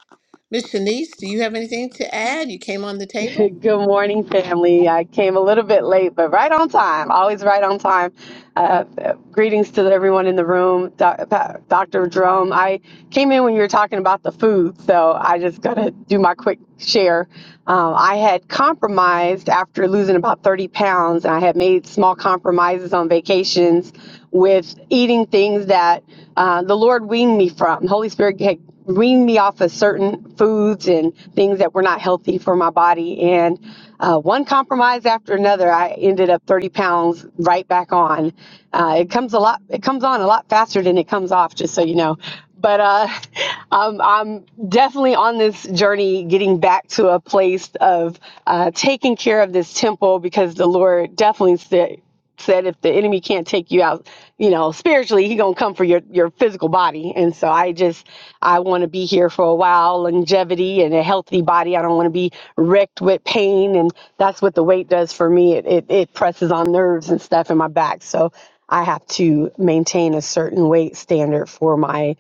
A: Miss Shanice, do you have anything to add? You came on the
G: [LAUGHS]
A: table.
G: Good morning, family. I came a little bit late, but right on time. Always right on time. Uh, greetings to everyone in the room, Doc- Pa- Dr. Jerome. I came in when you were talking about the food, so I just got to do my quick share. Um, I had compromised after losing about 30 pounds, and I had made small compromises on vacations with eating things that uh, the Lord weaned me from. The Holy Spirit had wean me off of certain foods and things that were not healthy for my body. And uh, one compromise after another, I ended up 30 pounds right back on. Uh, it comes a lot. It comes on a lot faster than it comes off, just so you know. But uh, [LAUGHS] I'm, I'm definitely on this journey getting back to a place of uh, taking care of this temple because the Lord definitely said said if the enemy can't take you out you know spiritually he gonna come for your your physical body and so i just i want to be here for a while longevity and a healthy body i don't want to be wrecked with pain and that's what the weight does for me it, it it presses on nerves and stuff in my back so i have to maintain a certain weight standard for my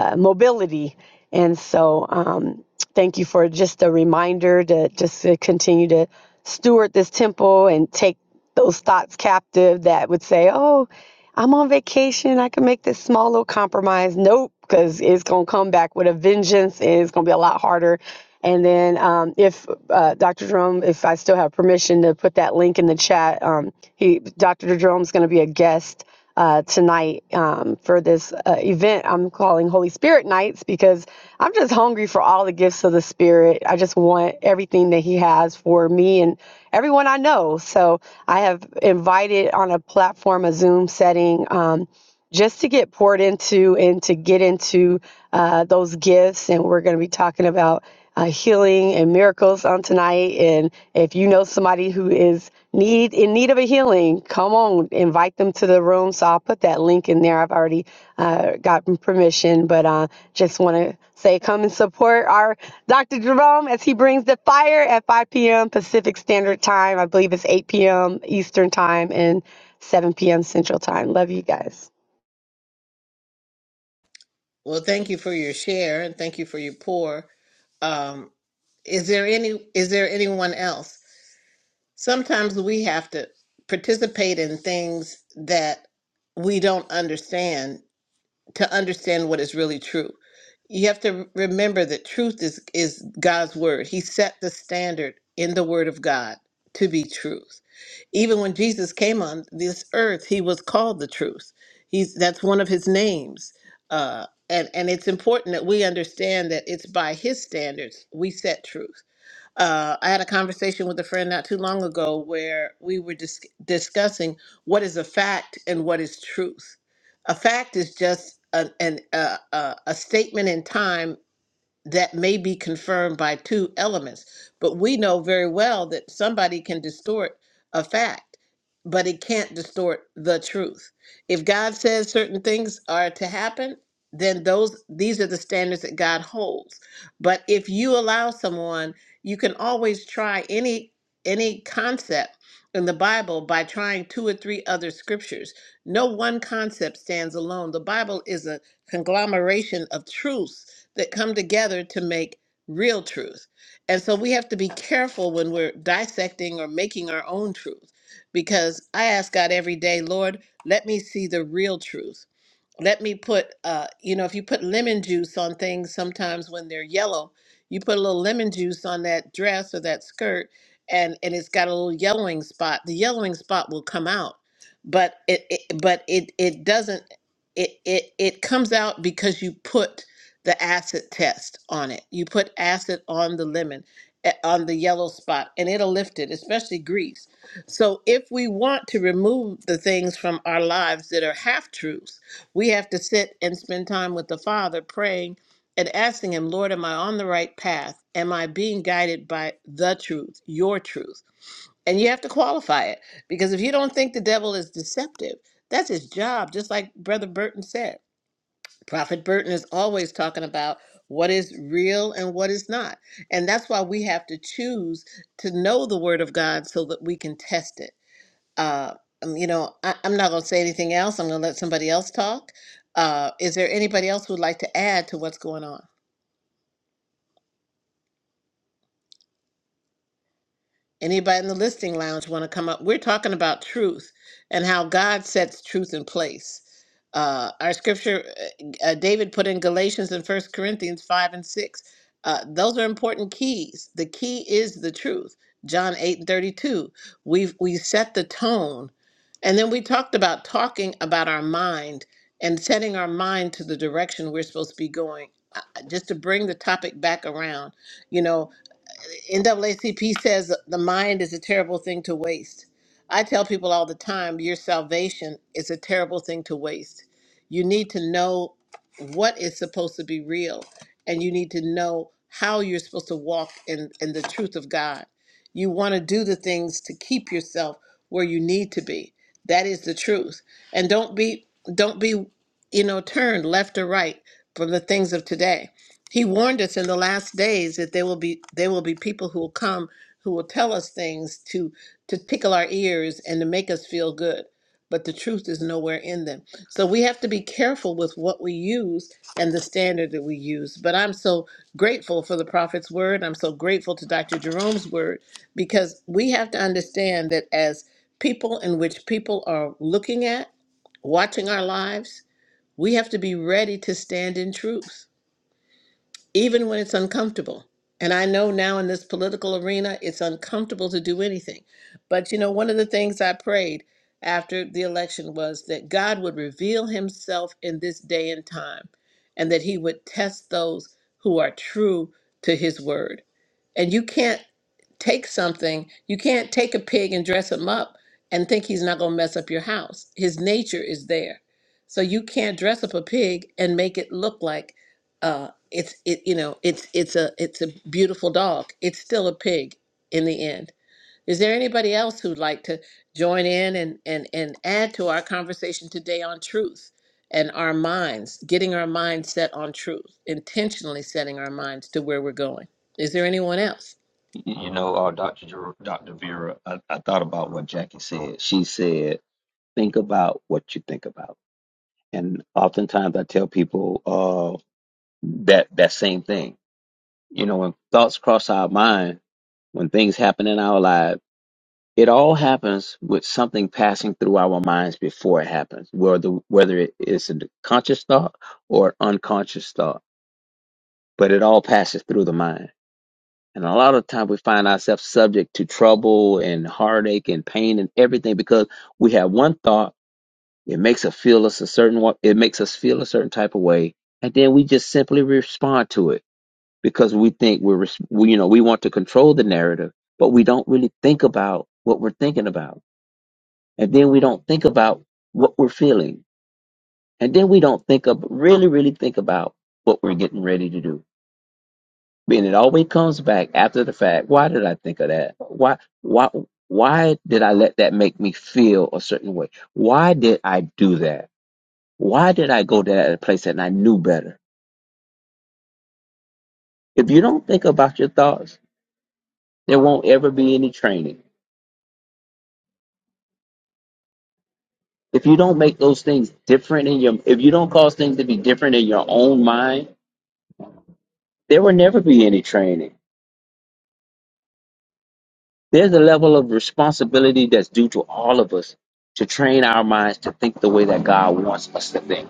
G: uh, mobility. And so, um, thank you for just a reminder to just to continue to steward this temple and take those thoughts captive that would say, "Oh, I'm on vacation. I can make this small little compromise." Nope, because it's gonna come back with a vengeance, and it's gonna be a lot harder. And then, um, if uh, Dr. Jerome, if I still have permission to put that link in the chat, um, he Dr. Jerome's gonna be a guest uh, tonight um, for this uh, event I'm calling Holy Spirit Nights because I'm just hungry for all the gifts of the Spirit. I just want everything that He has for me and everyone I know. So I have invited on a platform, a Zoom setting. Um, just to get poured into and to get into uh, those gifts. And we're going to be talking about uh, healing and miracles on tonight. And if you know somebody who is need in need of a healing, come on, invite them to the room. So I'll put that link in there. I've already uh, gotten permission, but uh, just want to say come and support our Dr. Jerome as he brings the fire at 5 p.m. Pacific Standard Time. I believe it's 8 p.m. Eastern Time and 7 p.m. Central Time. Love you guys.
A: Well, thank you for your share and thank you for your pour. Um, is there any is there anyone else? Sometimes we have to participate in things that we don't understand to understand what is really true. You have to remember that truth is is God's word. He set the standard in the word of God to be truth. Even when Jesus came on this earth, he was called the truth. He's that's one of his names. Uh, and and it's important that we understand that it's by his standards we set truth. Uh, I had a conversation with a friend not too long ago where we were dis- discussing what is a fact and what is truth. A fact is just an, an, uh, a, a a statement in time that may be confirmed by two elements. But we know very well that somebody can distort a fact, but it can't distort the truth. If God says certain things are to happen, then those these are the standards that God holds. But if you allow someone, you can always try any any concept in the Bible by trying two or three other scriptures. No one concept stands alone. The Bible is a conglomeration of truths that come together to make real truth. And so we have to be careful when we're dissecting or making our own truth because I ask God every day, Lord, let me see the real truth let me put uh you know if you put lemon juice on things sometimes when they're yellow you put a little lemon juice on that dress or that skirt and and it's got a little yellowing spot the yellowing spot will come out but it, it but it it doesn't it, it it comes out because you put the acid test on it you put acid on the lemon eh, on the yellow spot and it'll lift it especially grease so if we want to remove the things from our lives that are half truths we have to sit and spend time with the Father praying and asking Him, Lord, am I on the right path? Am I being guided by the truth, your truth? And you have to qualify it because if you don't think the devil is deceptive, that's his job, just like Brother Burton said. Prophet Burton is always talking about what is real and what is not. And that's why we have to choose to know the Word of God so that we can test it uh, um, you know, I, I'm not going to say anything else. I'm going to let somebody else talk. Uh, is there anybody else who'd like to add to what's going on? Anybody in the listing lounge want to come up? We're talking about truth and how God sets truth in place. Uh, our scripture, uh, uh, David put in Galatians and First Corinthians 5 and 6. Uh, those are important keys. The key is the truth. John 8 and 32. We've, we set the tone. And then we talked about talking about our mind and setting our mind to the direction we're supposed to be going. Uh, Just to bring the topic back around, you know, NAACP says the mind is a terrible thing to waste. I tell people all the time your salvation is a terrible thing to waste. You need to know what is supposed to be real, and you need to know how you're supposed to walk in, in the truth of God. You want to do the things to keep yourself where you need to be. That is the truth. And don't be don't be, you know, turned left or right from the things of today he warned us in the last days that there will be there will be people who will come who will tell us things to to tickle our ears and to make us feel good, but the truth is nowhere in them. So we have to be careful with what we use and the standard that we use. But I'm so grateful for the prophet's word. I'm so grateful to Dr. Jerome's word because we have to understand that as people in which people are looking at, watching our lives, we have to be ready to stand in truth even when it's uncomfortable. And I know now in this political arena, it's uncomfortable to do anything. But you know, one of the things I prayed after the election was that God would reveal himself in this day and time and that he would test those who are true to his word. And you can't take something, you can't take a pig and dress him up and think he's not going to mess up your house. His nature is there. So you can't dress up a pig and make it look like uh, it's it you know, it's it's a it's a beautiful dog. It's still a pig in the end. Is there anybody else who'd like to join in and and and add to our conversation today on truth and our minds, getting our minds set on truth, intentionally setting our minds to where we're going? Is there anyone else?
B: You know, uh, Dr. Jer- Dr. Vera, I, I thought about what Jackie said. She said, think about what you think about. And oftentimes I tell people uh, that that same thing. You know, when thoughts cross our mind, when things happen in our life, it all happens with something passing through our minds before it happens, whether whether it is a conscious thought or an unconscious thought. But it all passes through the mind. And a lot of time we find ourselves subject to trouble and heartache and pain and everything because we have one thought. It makes us feel us a certain wa- it makes us feel a certain type of way, and then we just simply respond to it because we think we're res- we, you know we want to control the narrative but we don't really think about what we're thinking about and then we don't think about what we're feeling and then we don't think of really really think about what we're getting ready to do and it always comes back after the fact why did i think of that why why why did i let that make me feel a certain way why did i do that why did i go to that place and i knew better if you don't think about your thoughts there won't ever be any training If you don't make those things different in your, if you don't cause things to be different in your own mind, there will never be any training. There's a level of responsibility that's due to all of us to train our minds to think the way that God wants us to think,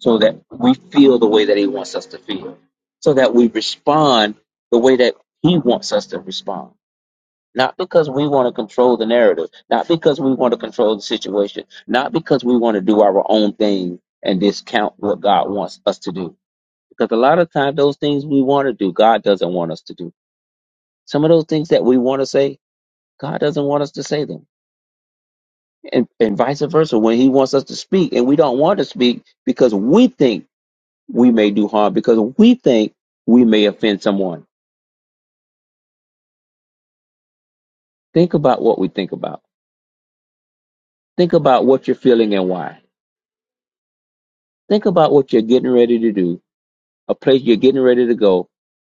B: so that we feel the way that He wants us to feel, so that we respond the way that He wants us to respond. Not because we want to control the narrative, not because we want to control the situation, not because we want to do our own thing and discount what God wants us to do Because a lot of times, those things we want to do, God doesn't want us to do. Some of those things that we want to say, God doesn't want us to say them. And, and vice versa, when He wants us to speak and we don't want to speak because we think we may do harm, because we think we may offend someone. Think about what we think about. Think about what you're feeling and why. Think about what you're getting ready to do, a place you're getting ready to go,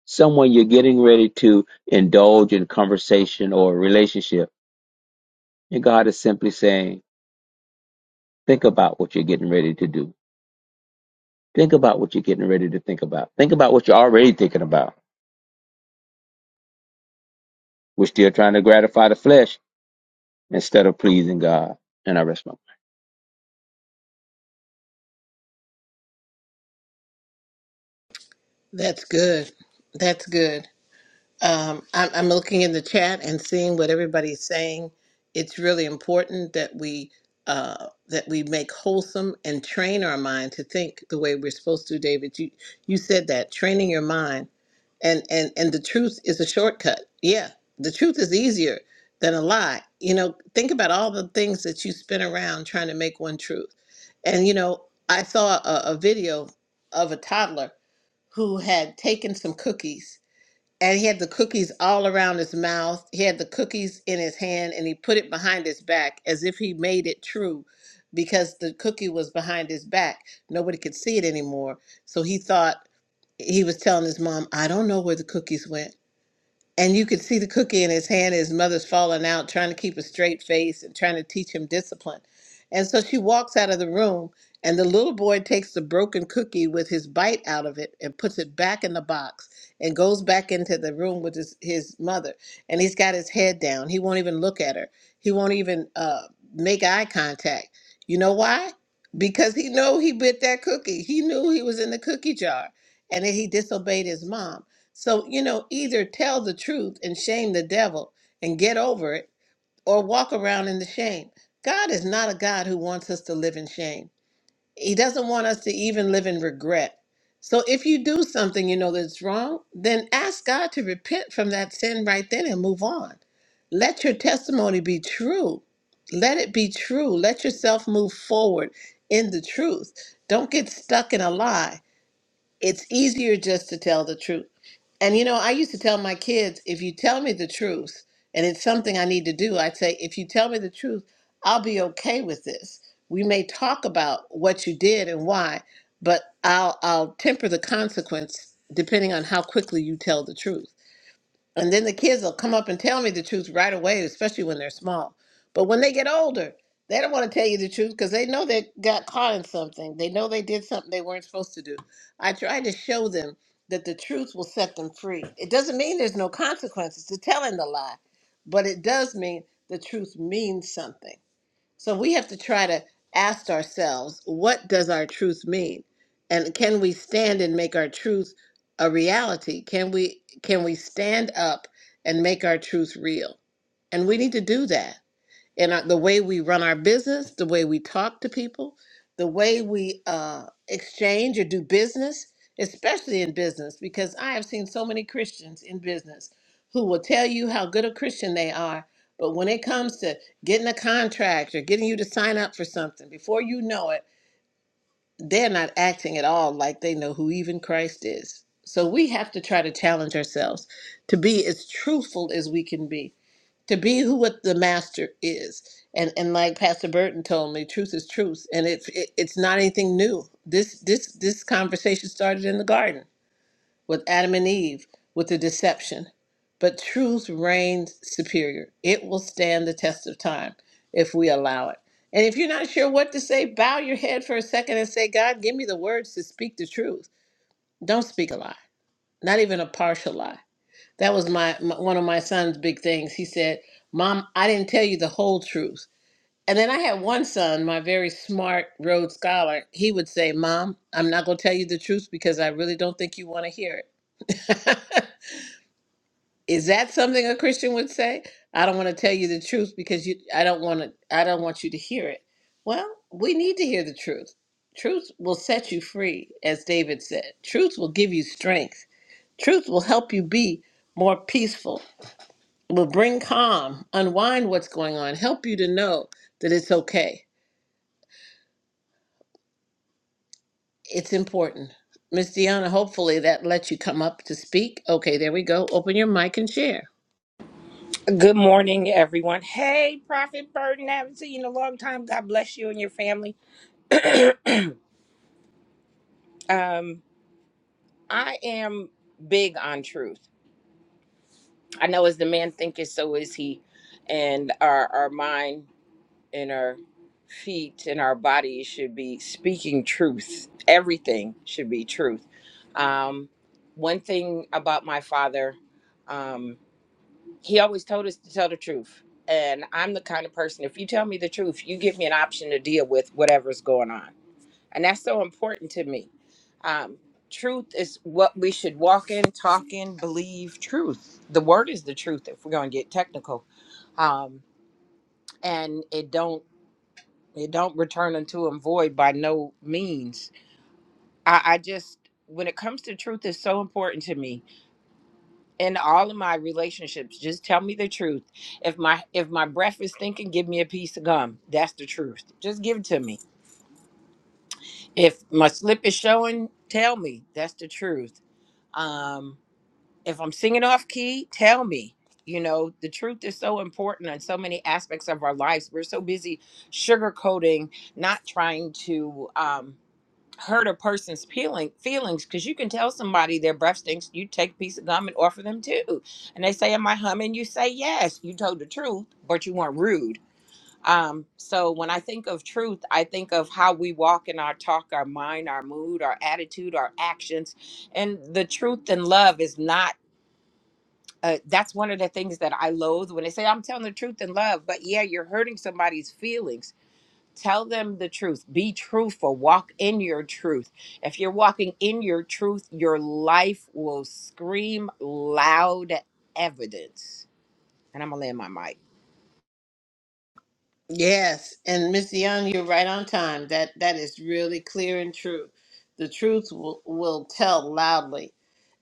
B: someone you're getting ready to indulge in conversation or relationship. And God is simply saying, Think about what you're getting ready to do. Think about what you're getting ready to think about. Think about what you're already thinking about. We're still trying to gratify the flesh instead of pleasing God. And I rest my. mind.
A: That's good. That's good. Um, I'm, I'm looking in the chat and seeing what everybody's saying. It's really important that we uh, that we make wholesome and train our mind to think the way we're supposed to. David, you you said that training your mind and and and the truth is a shortcut. Yeah, the truth is easier than a lie. You know, think about all the things that you spin around trying to make one truth. And you know, I saw a, a video of a toddler who had taken some cookies and he had the cookies all around his mouth. He had the cookies in his hand and he put it behind his back as if he made it true because the cookie was behind his back. Nobody could see it anymore. So he thought he was telling his mom, I don't know where the cookies went and you could see the cookie in his hand his mother's falling out trying to keep a straight face and trying to teach him discipline and so she walks out of the room and the little boy takes the broken cookie with his bite out of it and puts it back in the box and goes back into the room with his, his mother and he's got his head down he won't even look at her he won't even uh, make eye contact you know why because he know he bit that cookie he knew he was in the cookie jar and then he disobeyed his mom so, you know, either tell the truth and shame the devil and get over it, or walk around in the shame. God is not a God who wants us to live in shame. He doesn't want us to even live in regret. So, if you do something you know that's wrong, then ask God to repent from that sin right then and move on. Let your testimony be true. Let it be true. Let yourself move forward in the truth. Don't get stuck in a lie it's easier just to tell the truth. And you know, I used to tell my kids, if you tell me the truth, and it's something I need to do, I'd say, if you tell me the truth, I'll be okay with this. We may talk about what you did and why, but I'll I'll temper the consequence depending on how quickly you tell the truth. And then the kids will come up and tell me the truth right away, especially when they're small. But when they get older, they don't want to tell you the truth because they know they got caught in something. They know they did something they weren't supposed to do. I try to show them that the truth will set them free. It doesn't mean there's no consequences to telling the lie, but it does mean the truth means something. So we have to try to ask ourselves, what does our truth mean? And can we stand and make our truth a reality? Can we can we stand up and make our truth real? And we need to do that and our, the way we run our business, the way we talk to people, the way we uh, exchange or do business, especially in business, because I have seen so many Christians in business who will tell you how good a Christian they are. But when it comes to getting a contract or getting you to sign up for something, before you know it, they're not acting at all like they know who even Christ is. So we have to try to challenge ourselves to be as truthful as we can be to be who what the master is and and like pastor burton told me truth is truth and it's it, it's not anything new this this this conversation started in the garden with adam and eve with the deception but truth reigns superior it will stand the test of time if we allow it and if you're not sure what to say bow your head for a second and say god give me the words to speak the truth don't speak a lie not even a partial lie that was my, my one of my son's big things. He said, "Mom, I didn't tell you the whole truth." And then I had one son, my very smart Rhodes Scholar. He would say, "Mom, I'm not going to tell you the truth because I really don't think you want to hear it." [LAUGHS] Is that something a Christian would say? I don't want to tell you the truth because you I don't want to I don't want you to hear it. Well, we need to hear the truth. Truth will set you free, as David said. Truth will give you strength. Truth will help you be more peaceful will bring calm, unwind what's going on, help you to know that it's okay. It's important. Miss Deanna, hopefully that lets you come up to speak. Okay, there we go. Open your mic and share.
H: Good morning, everyone. Hey, Prophet Burden, haven't seen you in a long time. God bless you and your family. Um, I am big on truth. I know as the man thinketh, so is he. And our, our mind and our feet and our bodies should be speaking truth. Everything should be truth. Um, one thing about my father, um, he always told us to tell the truth. And I'm the kind of person, if you tell me the truth, you give me an option to deal with whatever's going on. And that's so important to me. Um, truth is what we should walk in, talk in, believe truth. The word is the truth if we're going to get technical. Um, and it don't it don't return unto him void by no means. I, I just when it comes to truth is so important to me in all of my relationships just tell me the truth if my if my breath is stinking give me a piece of gum that's the truth just give it to me if my slip is showing tell me that's the truth um if i'm singing off key tell me you know the truth is so important in so many aspects of our lives we're so busy sugarcoating not trying to um hurt a person's feeling feelings because you can tell somebody their breath stinks. You take a piece of gum and offer them too, and they say, "Am I humming?" You say, "Yes." You told the truth, but you weren't rude. Um, so when I think of truth, I think of how we walk in our talk, our mind, our mood, our attitude, our actions, and the truth and love is not. Uh, that's one of the things that I loathe when they say I'm telling the truth in love, but yeah, you're hurting somebody's feelings Tell them the truth. Be truthful. Walk in your truth. If you're walking in your truth, your life will scream loud evidence. And I'm going to land my mic.
A: Yes, and Miss Young, you're right on time. That that is really clear and true. The truth will, will tell loudly.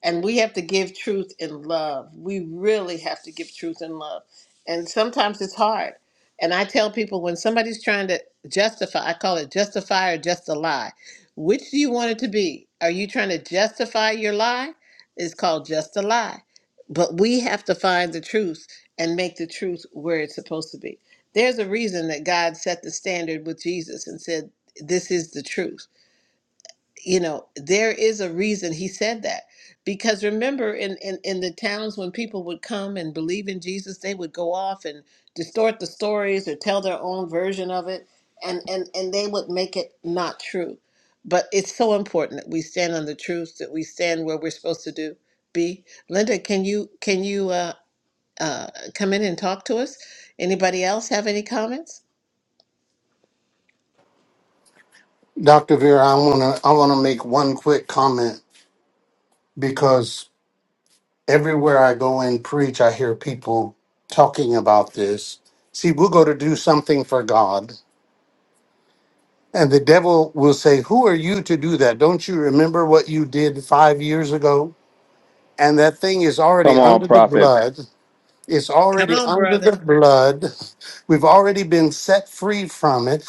A: And we have to give truth in love. We really have to give truth in love. And sometimes it's hard. And I tell people when somebody's trying to justify, I call it justify or just a lie. Which do you want it to be? Are you trying to justify your lie? It's called just a lie. But we have to find the truth and make the truth where it's supposed to be. There's a reason that God set the standard with Jesus and said, This is the truth. You know, there is a reason he said that. Because remember, in, in, in the towns when people would come and believe in Jesus, they would go off and distort the stories or tell their own version of it, and, and, and they would make it not true. But it's so important that we stand on the truth, that we stand where we're supposed to do. Be Linda, can you can you uh, uh, come in and talk to us? Anybody else have any comments?
F: Dr. Vera, I wanna I wanna make one quick comment because everywhere I go and preach, I hear people talking about this. See, we'll go to do something for God, and the devil will say, Who are you to do that? Don't you remember what you did five years ago? And that thing is already
B: Come on,
F: under the
B: prophet.
F: blood. It's
A: Come
F: already
A: on,
F: under
A: brother.
F: the blood. We've already been set free from it.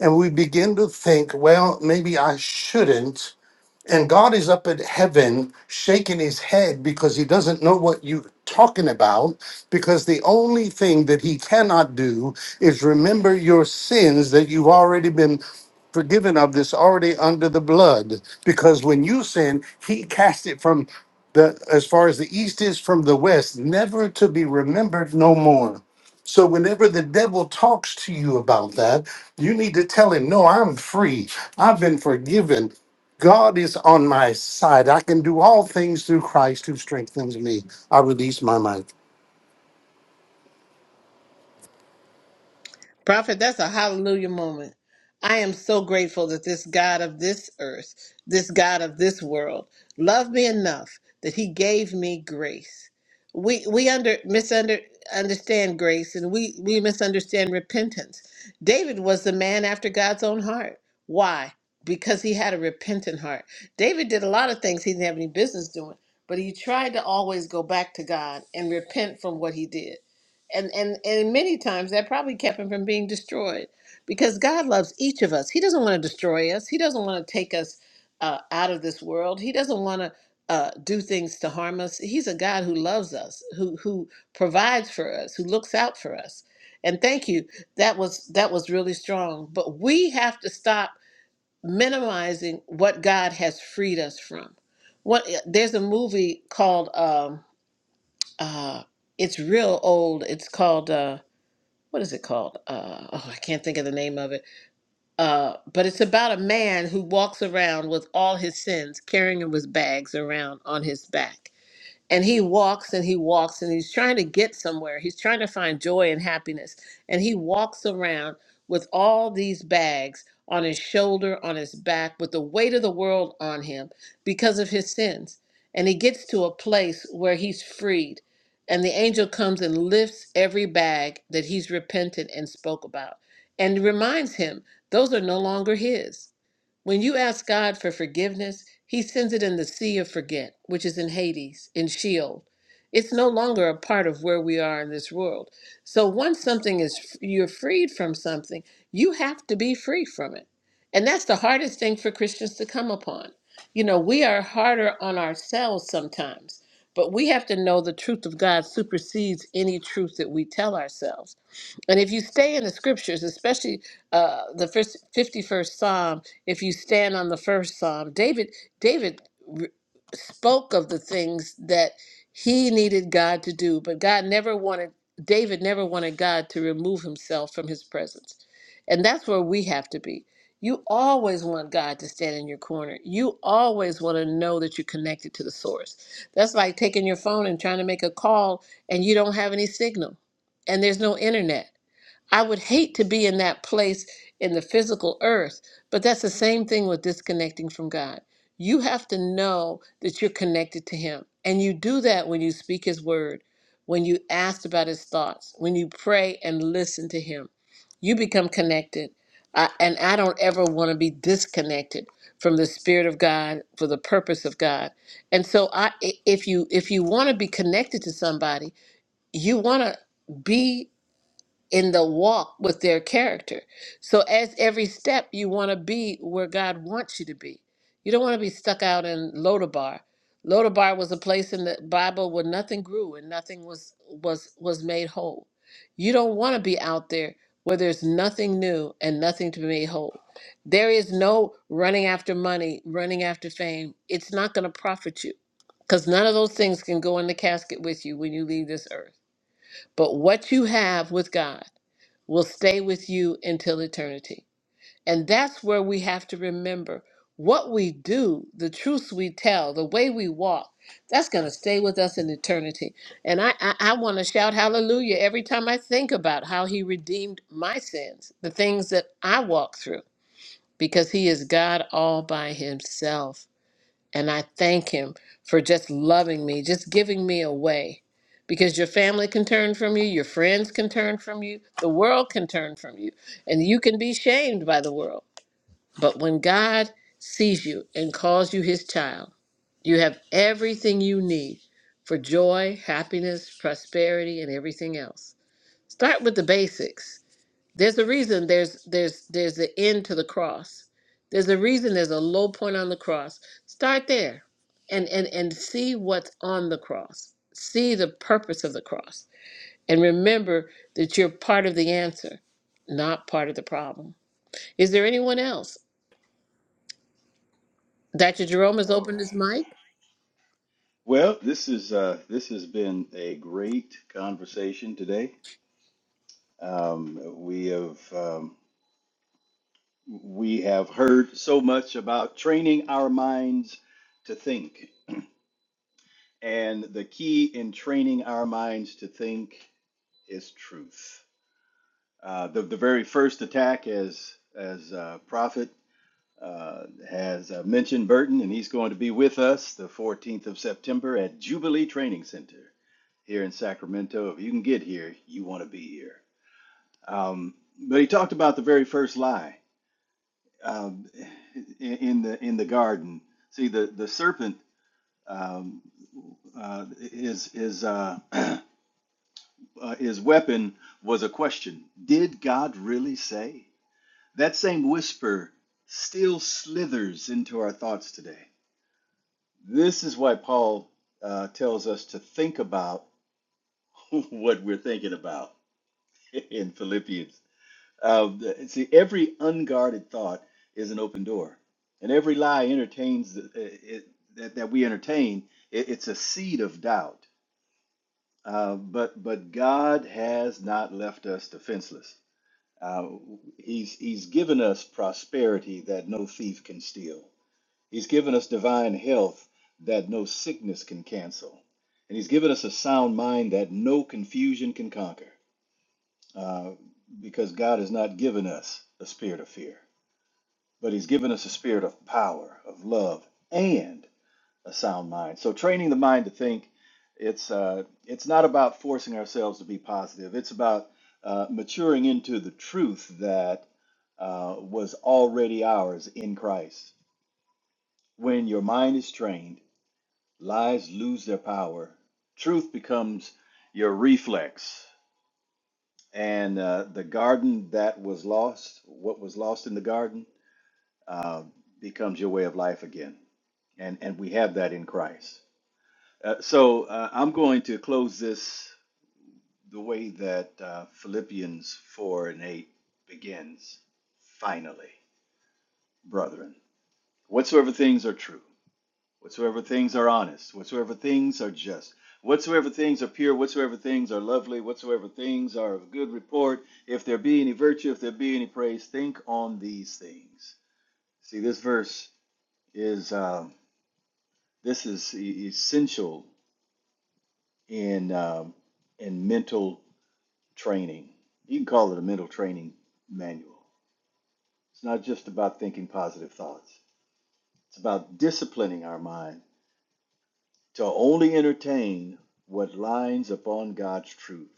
F: And we begin to think, well, maybe I shouldn't. And God is up at heaven shaking his head because he doesn't know what you're talking about. Because the only thing that he cannot do is remember your sins that you've already been forgiven of, that's already under the blood. Because when you sin, he cast it from the as far as the east is from the west, never to be remembered no more. So whenever the devil talks to you about that, you need to tell him, "No, I'm free. I've been forgiven. God is on my side. I can do all things through Christ who strengthens me. I release my mind.
A: Prophet, that's a hallelujah moment. I am so grateful that this God of this earth, this God of this world, loved me enough that he gave me grace. We we under misunder understand grace and we, we misunderstand repentance. David was the man after God's own heart. Why? Because he had a repentant heart. David did a lot of things he didn't have any business doing, but he tried to always go back to God and repent from what he did. and and and many times that probably kept him from being destroyed because god loves each of us he doesn't want to destroy us he doesn't want to take us uh, out of this world he doesn't want to uh, do things to harm us he's a god who loves us who who provides for us who looks out for us and thank you that was that was really strong but we have to stop minimizing what god has freed us from what eh, there's a movie called um uh it's real old it's called uh what is it called? Uh, oh, I can't think of the name of it. Uh, but it's about a man who walks around with all his sins, carrying them with bags around on his back and he walks and he walks and he's trying to get somewhere. He's trying to find joy and happiness. And he walks around with all these bags on his shoulder, on his back, with the weight of the world on him because of his sins. And he gets to a place where he's freed. And the angel comes and lifts every bag that he's repented and spoke about and reminds him those are no longer his. When you ask God for forgiveness, He sends it in the sea of forget, which is in Hades, in Sheol. It's no longer a part of where we are in this world. So once something is, you're freed from something, you have to be free from it. And that's the hardest thing for Christians to come upon. You know, we are harder on ourselves sometimes, but we have to know the truth of God supersedes any truth that we tell ourselves. And if you stay in the scriptures, especially uh, the first 51st Psalm, if you stand on the first psalm david david r- spoke of the things that he needed god to do but god never wanted david never wanted god to remove himself from his presence and that's where we have to be you always want god to stand in your corner you always want to know that you're connected to the source that's like taking your phone and trying to make a call and you don't have any signal and there's no internet I would hate to be in that place in the physical earth, but that's the same thing with disconnecting from God. You have to know that you're connected to Him. And you do that when you speak His word, when you ask about His thoughts, when you pray and listen to Him. You become connected. I, and I don't ever want to be disconnected from the spirit of God for the purpose of God. And so I i- if you if you want to be connected to somebody, you want to be in the walk with their character. So as every step you want to be where God wants you to be. You don't want to be stuck out in Lodabar. Lodabar was a place in the Bible where nothing grew and nothing was was was made whole. You don't want to be out there where there's nothing new and nothing to be made whole. There is no running after money, running after fame. It's not going to profit you because none of those things can go in the casket with you when you leave this earth. But what you have with God will stay with you until eternity. And that's where we have to remember what we do, the truths we tell, the way we walk, that's going to stay with us in eternity. And I, I, I want to shout hallelujah every time I think about how he redeemed my sins, the things that I walk through, because he is God all by himself. And I thank him for just loving me, just giving me away. Because your family can turn from you, your friends can turn from you, the world can turn from you, and you can be shamed by the world. But when God sees you and calls you his child, you have everything you need for joy, happiness, prosperity, and everything else. Start with the basics. There's a reason there's there's there's the end to the cross. There's a reason there's a low point on the cross. Start there and and and see what's on the cross. See the purpose of the cross and remember that you're part of the answer, not part of the problem. Is there anyone else? Dr. Jerome has
E: All
A: opened
E: right.
A: his mic.
E: Well, this is uh, this has been a great conversation today. Um, we have um, we have heard so much about training our minds to think, and the key in training our minds to think is truth. Uh, the the very first attack, as as uh, Prophet uh, has uh, mentioned Burton, and he's going to be with us the 14th of September at Jubilee Training Center here in Sacramento. If you can get here, you want to be here. Um, but he talked about the very first lie um, in, in the in the garden. See, the the serpent um, uh, his his uh, [CLEARS THROAT] uh, his weapon was a question. Did God really say? That same whisper still slithers into our thoughts today. This is why Paul uh, tells us to think about [LAUGHS] what we're thinking about [LAUGHS] in Philippians. Uh, the- see, every unguarded thought is an open door, and every lie entertains uh, it, that, that we entertain, it, it's a seed of doubt. Uh, but but God has not left us defenseless. Uh, he's He's given us prosperity that no thief can steal. He's given us divine health that no sickness can cancel. And He's given us a sound mind that no confusion can conquer. Uh, because God has not given us a spirit of fear, but He's given us a spirit of power, of love, and a sound mind. So training the mind to think, it's uh, it's not about forcing ourselves to be positive. It's about uh, maturing into the truth that uh, was already ours in Christ. When your mind is trained lies lose their power. Truth becomes your reflex. And uh, the garden that was lost, what was lost in the garden, uh, becomes your way of life again. And, and we have that in Christ. Uh, so uh, I'm going to close this the way that uh, Philippians 4 and 8 begins. Finally, brethren, whatsoever things are true Whatsoever things are honest, whatsoever things are just, whatsoever things are pure, whatsoever things are lovely, whatsoever things are of good report, if there be any virtue, if there be any praise, think on these things. See, this verse is um, this is e- essential in um, in mental training. You can call it a mental training manual. It's not just about thinking positive thoughts. It's about disciplining our mind to only entertain what lines upon God's truth.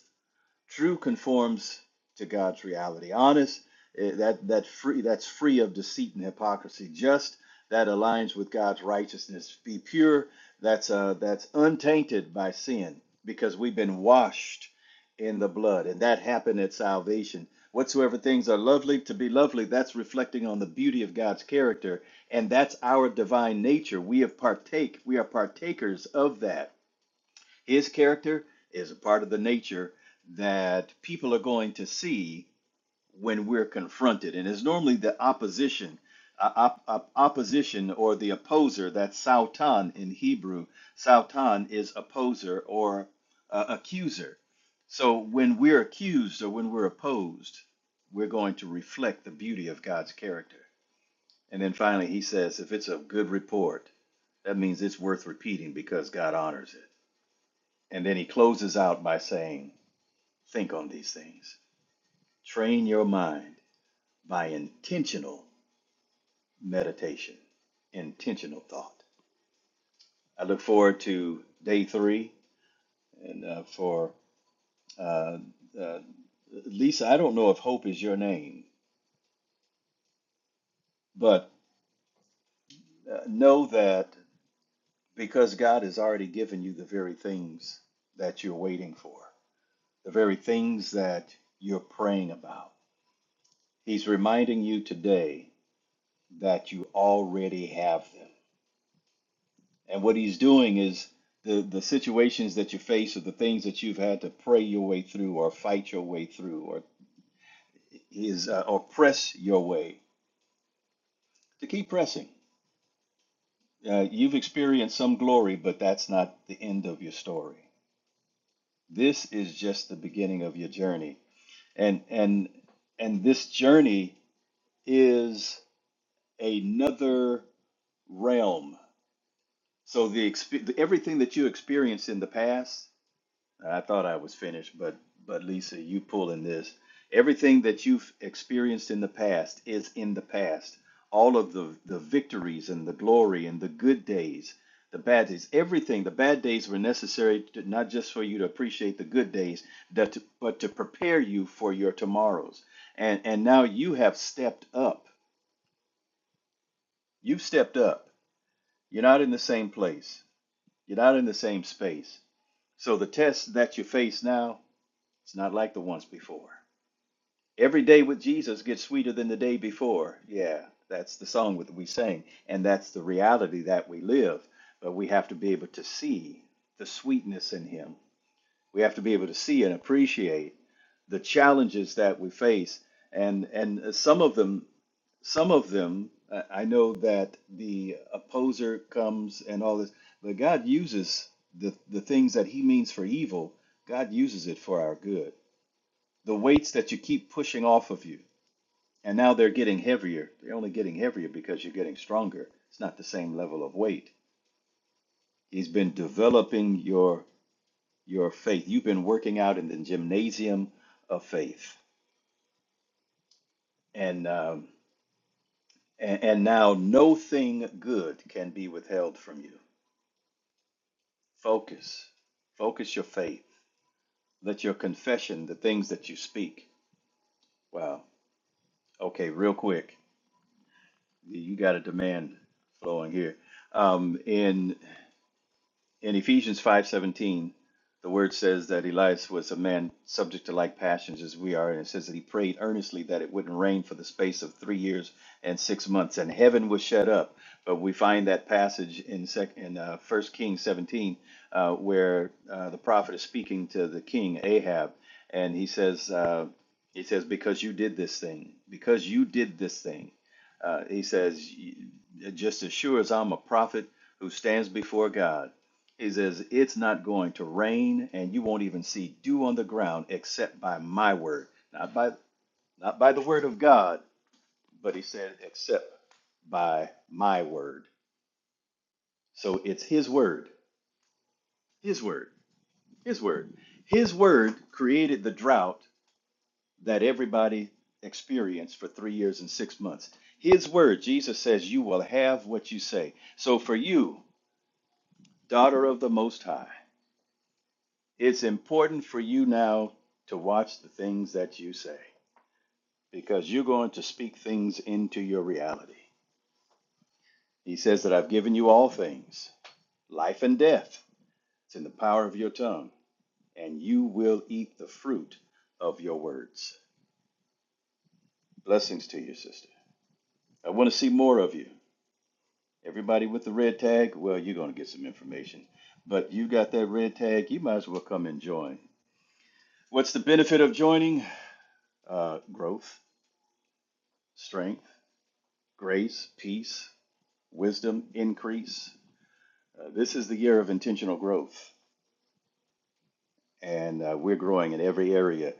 E: True conforms to God's reality. Honest, eh, that that free that's free of deceit and hypocrisy. Just that aligns with God's righteousness. Be pure. That's uh that's untainted by sin because we've been washed in the blood, and that happened at salvation. Whatsoever things are lovely to be lovely, that's reflecting on the beauty of God's character, and that's our divine nature. We have partake. We are partakers of that his character is a part of the nature that people are going to see when we're confronted. And it's normally the opposition, uh, op- op- opposition or the opposer, that's Sautan in Hebrew. Sautan is opposer or uh, accuser. So when we're accused or when we're opposed, we're going to reflect the beauty of God's character. And then finally, he says, if it's a good report, that means it's worth repeating because God honors it. And then he closes out by saying, Think on these things. Train your mind by intentional meditation, intentional thought. I look forward to day three. And uh, for uh, uh, Lisa, I don't know if hope is your name, but uh, know that because God has already given you the very things that you're waiting for, the very things that you're praying about, He's reminding you today that you already have them. And what he's doing is the, the situations that you face or the things that you've had to pray your way through or fight your way through or is uh, or press your way to keep pressing. Uh, you've experienced some glory, but that's not the end of your story. This is just the beginning of your journey. And and and this journey is another realm. So the exp- everything that you experienced in the past I thought I was finished, but but Lisa, you pulling this. Everything that you've experienced in the past is in the past. All of the the victories and the glory and the good days, the bad days, everything. The bad days were necessary to, not just for you to appreciate the good days, but to, but to prepare you for your tomorrows. And and now you have stepped up. You've stepped up. You're not in the same place. You're not in the same space. So the test that you face now, it's not like the ones before. Every day with Jesus gets sweeter than the day before. Yeah, that's the song that we sing, and that's the reality that we live. But we have to be able to see the sweetness in Him. We have to be able to see and appreciate the challenges that we face, and and some of them, some of them, I I know that the opposer comes and all this, but God uses the the things that He means for evil. God uses it for our good. The weights that you keep pushing off of you and now they're getting heavier. They're only getting heavier because you're getting stronger. It's not the same level of weight. He's been developing your your faith. You've been working out in the gymnasium of faith, and um, and, and now no thing good can be withheld from you. Focus, focus your faith. Let your confession, the things that you speak. Wow. Okay, real quick, you got a demand flowing here. Um, in In Ephesians 5:17, the word says that Elias was a man subject to like passions as we are, and it says that he prayed earnestly that it wouldn't rain for the space of 3 years and 6 months and heaven was shut up. But we find that passage in sec- in uh, 1 Kings 17 uh, where uh, the prophet is speaking to the king Ahab and he says uh, he says because you did this thing, because you did this thing. Uh, he says "You- just as sure as I'm a prophet who stands before God, he says, It's not going to rain, and you won't even see dew on the ground except by my word. Not by not by the word of God, but he said, except by my word. So it's his word. His word. His word. His word created the drought that everybody experienced for three years and six months. His word, Jesus says, you will have what you say. So for you, daughter of the Most High, It's important for you now to watch the things that you say because you're going to speak things into your reality. He says that I've given you all things, life and death. It's in the power of your tongue, and you will eat the fruit of your words. Blessings to you, sister. I want to see more of you. Everybody with the red tag, well, you're going to get some information. But you got that red tag, you might as well come and join. What's the benefit of joining? Uh, growth, strength, grace, peace, wisdom increase. Uh, this is the year of intentional growth, and uh, we're growing in every area,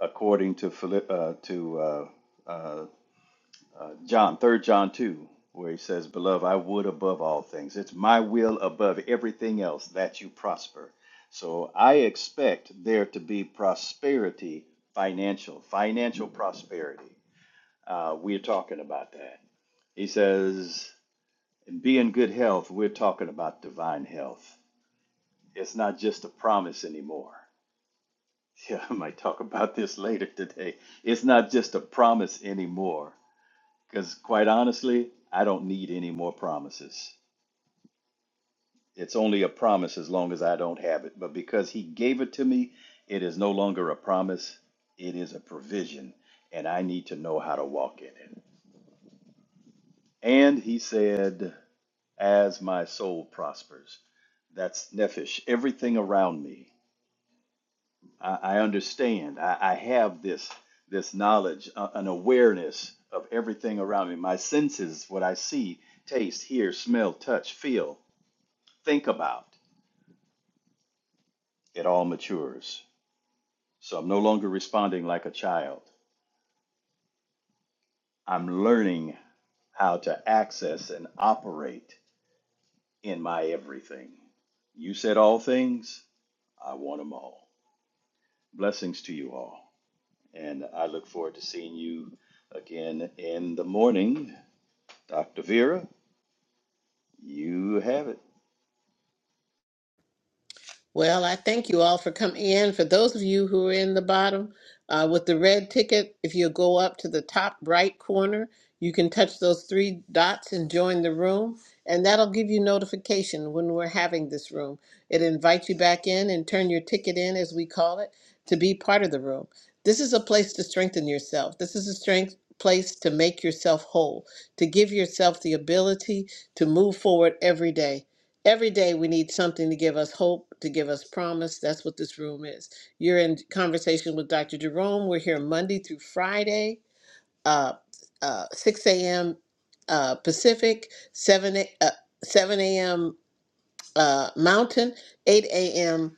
E: according to Philip, uh, to uh, uh, uh, John, Third John two, where he says, "Beloved, I would above all things. It's my will above everything else that you prosper." So I expect there to be prosperity, financial, financial prosperity. Uh, we're talking about that. He says, "Be in good health." We're talking about divine health It's not just a promise anymore. [LAUGHS] Yeah, I might talk about this later today. It's not just a promise anymore. Because quite honestly, I don't need any more promises. It's only a promise as long as I don't have it. But because He gave it to me, it is no longer a promise, it is a provision. And I need to know how to walk in it. And He said, As my soul prospers, that's nephesh, everything around me I, I understand. I, I have this this knowledge, uh, an awareness of everything around me. My senses, what I see, taste, hear, smell, touch, feel, think about, it all matures. So I'm no longer responding like a child. I'm learning how to access and operate in my everything. You said all things. I want them all. Blessings to you all. And I look forward to seeing you again in the morning. Dr. Vera, You have it.
A: Well, I thank you all for coming in. For those of you who are in the bottom uh, with the red ticket, if you go up to the top right corner, you can touch those three dots and join the room, and that'll give you notification when we're having this room. It invites you back in and turn your ticket in, as we call it, to be part of the room. This is a place to strengthen yourself. This is a strength place to make yourself whole, to give yourself the ability to move forward every day. Every day we need something to give us hope, to give us promise. That's what this room is. You're in conversation with Dr. Jerome. We're here Monday through Friday, uh, uh, 6 a.m. Uh, Pacific, 7 a, uh, 7 a.m. Uh, Mountain, 8 a.m.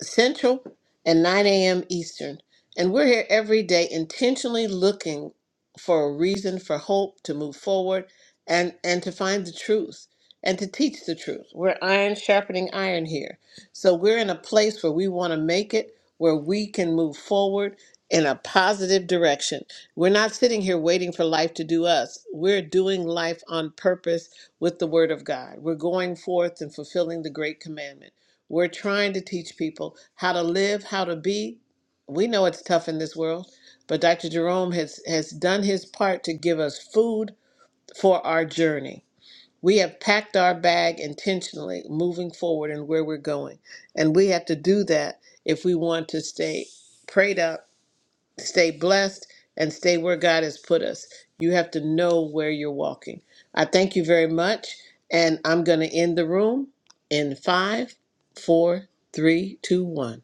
A: Central and 9 a.m. Eastern. And we're here every day intentionally looking for a reason for hope to move forward and, and to find the truth and to teach the truth. We're iron sharpening iron here. So we're in a place where we want to make it, where we can move forward in a positive direction. We're not sitting here waiting for life to do us. We're doing life on purpose with the Word of God. We're going forth and fulfilling the Great Commandment. We're trying to teach people how to live, how to be. We know it's tough in this world, but Dr. Jerome has, has done his part to give us food for our journey. We have packed our bag intentionally moving forward and where we're going. And we have to do that if we want to stay prayed up stay blessed and stay where God has put us. You have to know where you're walking. I thank you very much, and I'm going to end the room in five, four, three, two, one.